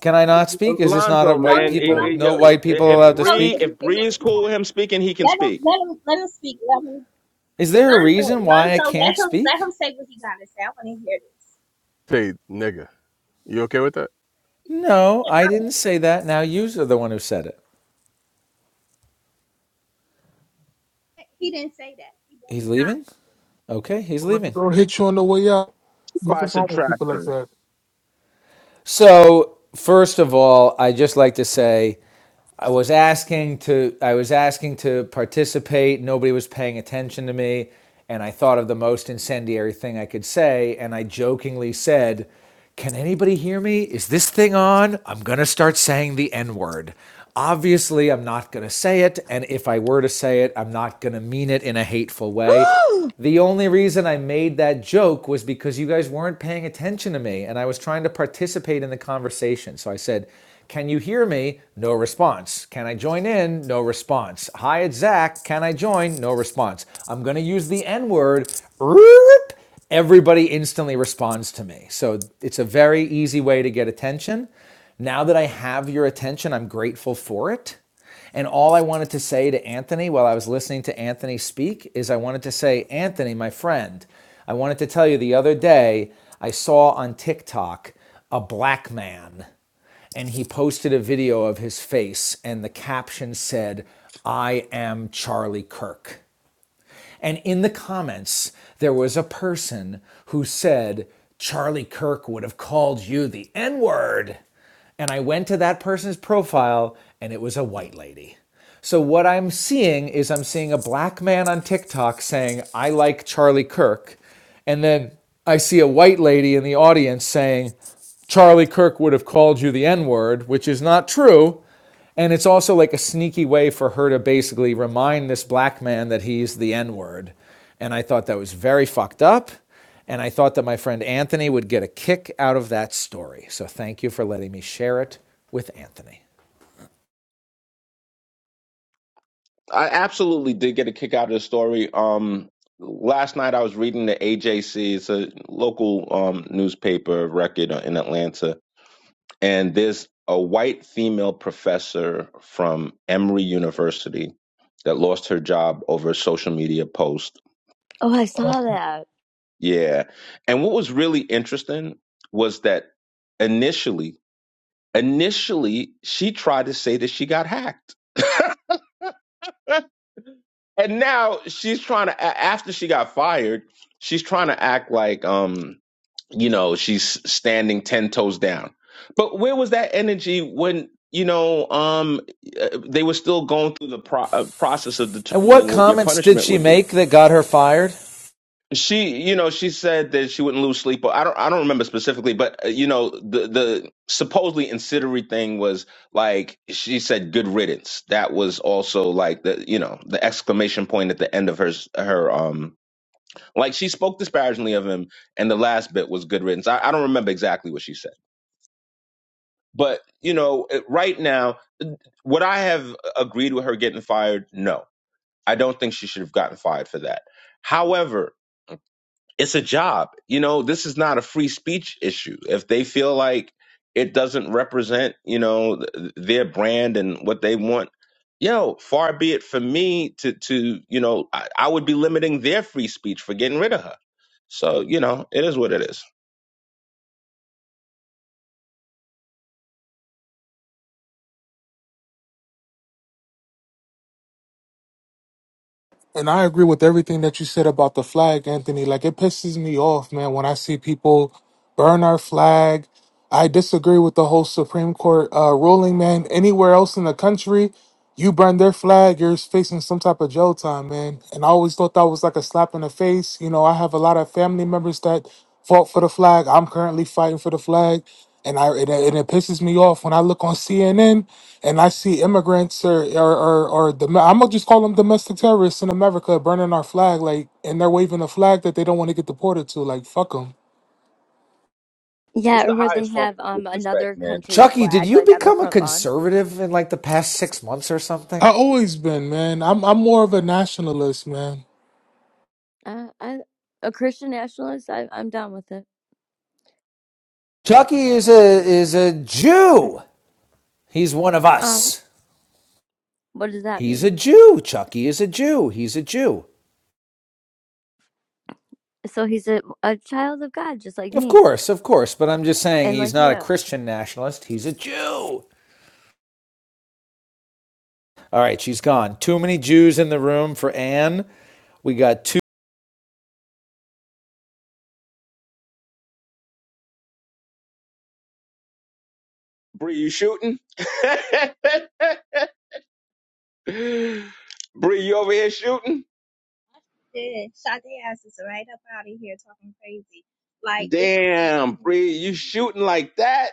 Can I not speak? Is Go this not a ahead, Lonzo, white go ahead. man, i- go people? no, i- ahead. yo, No Let him white people let if him allowed to go Bree, so speak? we if can Bree hear is what he cool got. with him speaking, he can Let him speak let him let him speak. Let him Is there a Lonzo reason why I Lonzo let can't him. speak? say nigga. You okay with that? No, I didn't say that. Now you are the one who said it. He didn't say that. He He's better not. leaving? Okay, he's Let me leaving. Go hit you on the way out. Fuck by is wrong with people like subtraction. that? So, first of all, I just like to say I was asking to I was asking to participate, nobody was paying attention to me, and I thought of the most incendiary thing I could say, and I jokingly said, "Can anybody hear me? Is this thing on? I'm going to start saying the N-word." Obviously, I'm not going to say it, and if I were to say it, I'm not going to mean it in a hateful way. oh, The only reason I made that joke was because you guys weren't paying attention to me and I was trying to participate in the conversation. So I said, Can you hear me? No response. Can I join in? No response. Hi, it's Zach. Can I join? No response. I'm going to use the N word. Everybody instantly responds to me. So it's a very easy way to get attention. Now that I have your attention, I'm grateful for it. And all I wanted to say to Anthony while I was listening to Anthony speak is I wanted to say, Anthony, my friend, I wanted to tell you the other day I saw on TikTok a black man and he posted a video of his face and the caption said, I am Charlie Kirk. And in the comments, there was a person who said, Charlie Kirk would have called you the N word. And I went to that person's profile and it was a white lady. So what I'm seeing is I'm seeing a black man on TikTok saying, I like Charlie Kirk. And then I see a white lady in the audience saying, Charlie Kirk would have called you the N word, which is not true. And it's also like a sneaky way for her to basically remind this black man that he's the N word. And I thought that was very fucked up. And I thought that my friend Anthony would get a kick out of that story. So thank you for letting me share it with Anthony. I absolutely did get a kick out of the story. Um, last night I was reading the AJC, it's a local um, newspaper of record uh, in Atlanta, and there's a white female professor from Emory University that lost her job over a social media post. I Um, saw that. Yeah, and what was really interesting was that initially, initially she tried to say that she got hacked. and now she's trying to a- after she got fired she's trying to act like um you know she's standing 10 toes down but where was that energy when you know um uh, they were still going through the pro- uh, process of And what determining what your comments did punishment she would be make that got her fired? she you know she said that she wouldn't lose sleep i don't i don't remember specifically but uh, you know the the supposedly incendiary thing was like she said good riddance that was also like the you know the exclamation point at the end of her s- her um like she spoke disparagingly of him and the last bit was good riddance i, I don't remember exactly what she said but you know it- right now would i have agreed with her getting fired no i don't think she should have gotten fired for that it's a job. You know, this is not a free speech issue. If they feel like it doesn't represent, you know, th- their brand and what they want, yo, far be it for me to, to you know, I, I would be limiting their free speech for getting rid of her. So, you know, it is what it is. And I agree with everything that you said about the flag, Anthony. Like it pisses me off, man, when I see people burn our flag. I disagree with the whole Supreme Court uh, ruling, man. Anywhere else in the country, you burn their flag, you're facing some type of jail time, man. And I always thought that was like a slap in the face. You know, I have a lot of family members that fought for the flag. I'm currently fighting for the flag. And I it, it, it pisses me off when I look on CNN and I see immigrants or or or, or dom- I'm gonna just call them domestic terrorists in America burning our flag, like, and they're waving a flag that they don't want to get deported to. Like, fuck 'em. It's Yeah, or the where they highest form have of um disrespect, another man. country's Chucky, did flag you like on their become a front lawn. conservative in like the past six months or I something? always been, man. I'm I'm more of a nationalist, man. Uh, I a Christian nationalist. I, I'm down with it. Chucky is a is a Jew. He's one of Um, us. what does that He's a mean? Jew. Chucky is a Jew. He's a Jew. So he's a a child of God, just like Of me course, of course, but I'm just saying and he's like not a you. Christian nationalist. He's a Jew. All right, she's gone. Too many Jews in the room for Anne. We got Bree, you shooting? Bree, you over here shooting? Did Sade ass is right up out of here talking crazy. Like this. Damn, Bree, you shooting like that?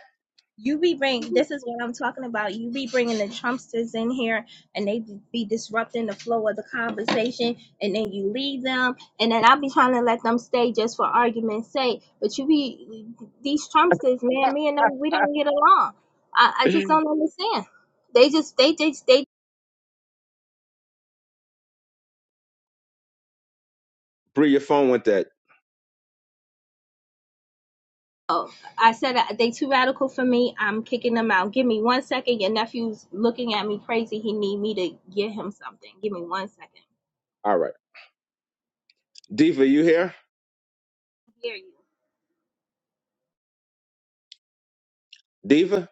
You be bring this is what I'm talking about. You be bringing the Trumpsters in here, and they be disrupting the flow of the conversation, and then you leave them, and then I'll be trying to let them stay just for argument's sake. But you be these Trumpsters, man. Me and them, we don't get along. I, I just don't understand. They just they just they Bree, your phone went dead. Oh, I said uh, they too radical for me. I'm kicking them out. Give me one second. Your nephew's looking at me crazy. He need me to get him something. Give me one second. All right. Diva, you here? I Hear you. Diva?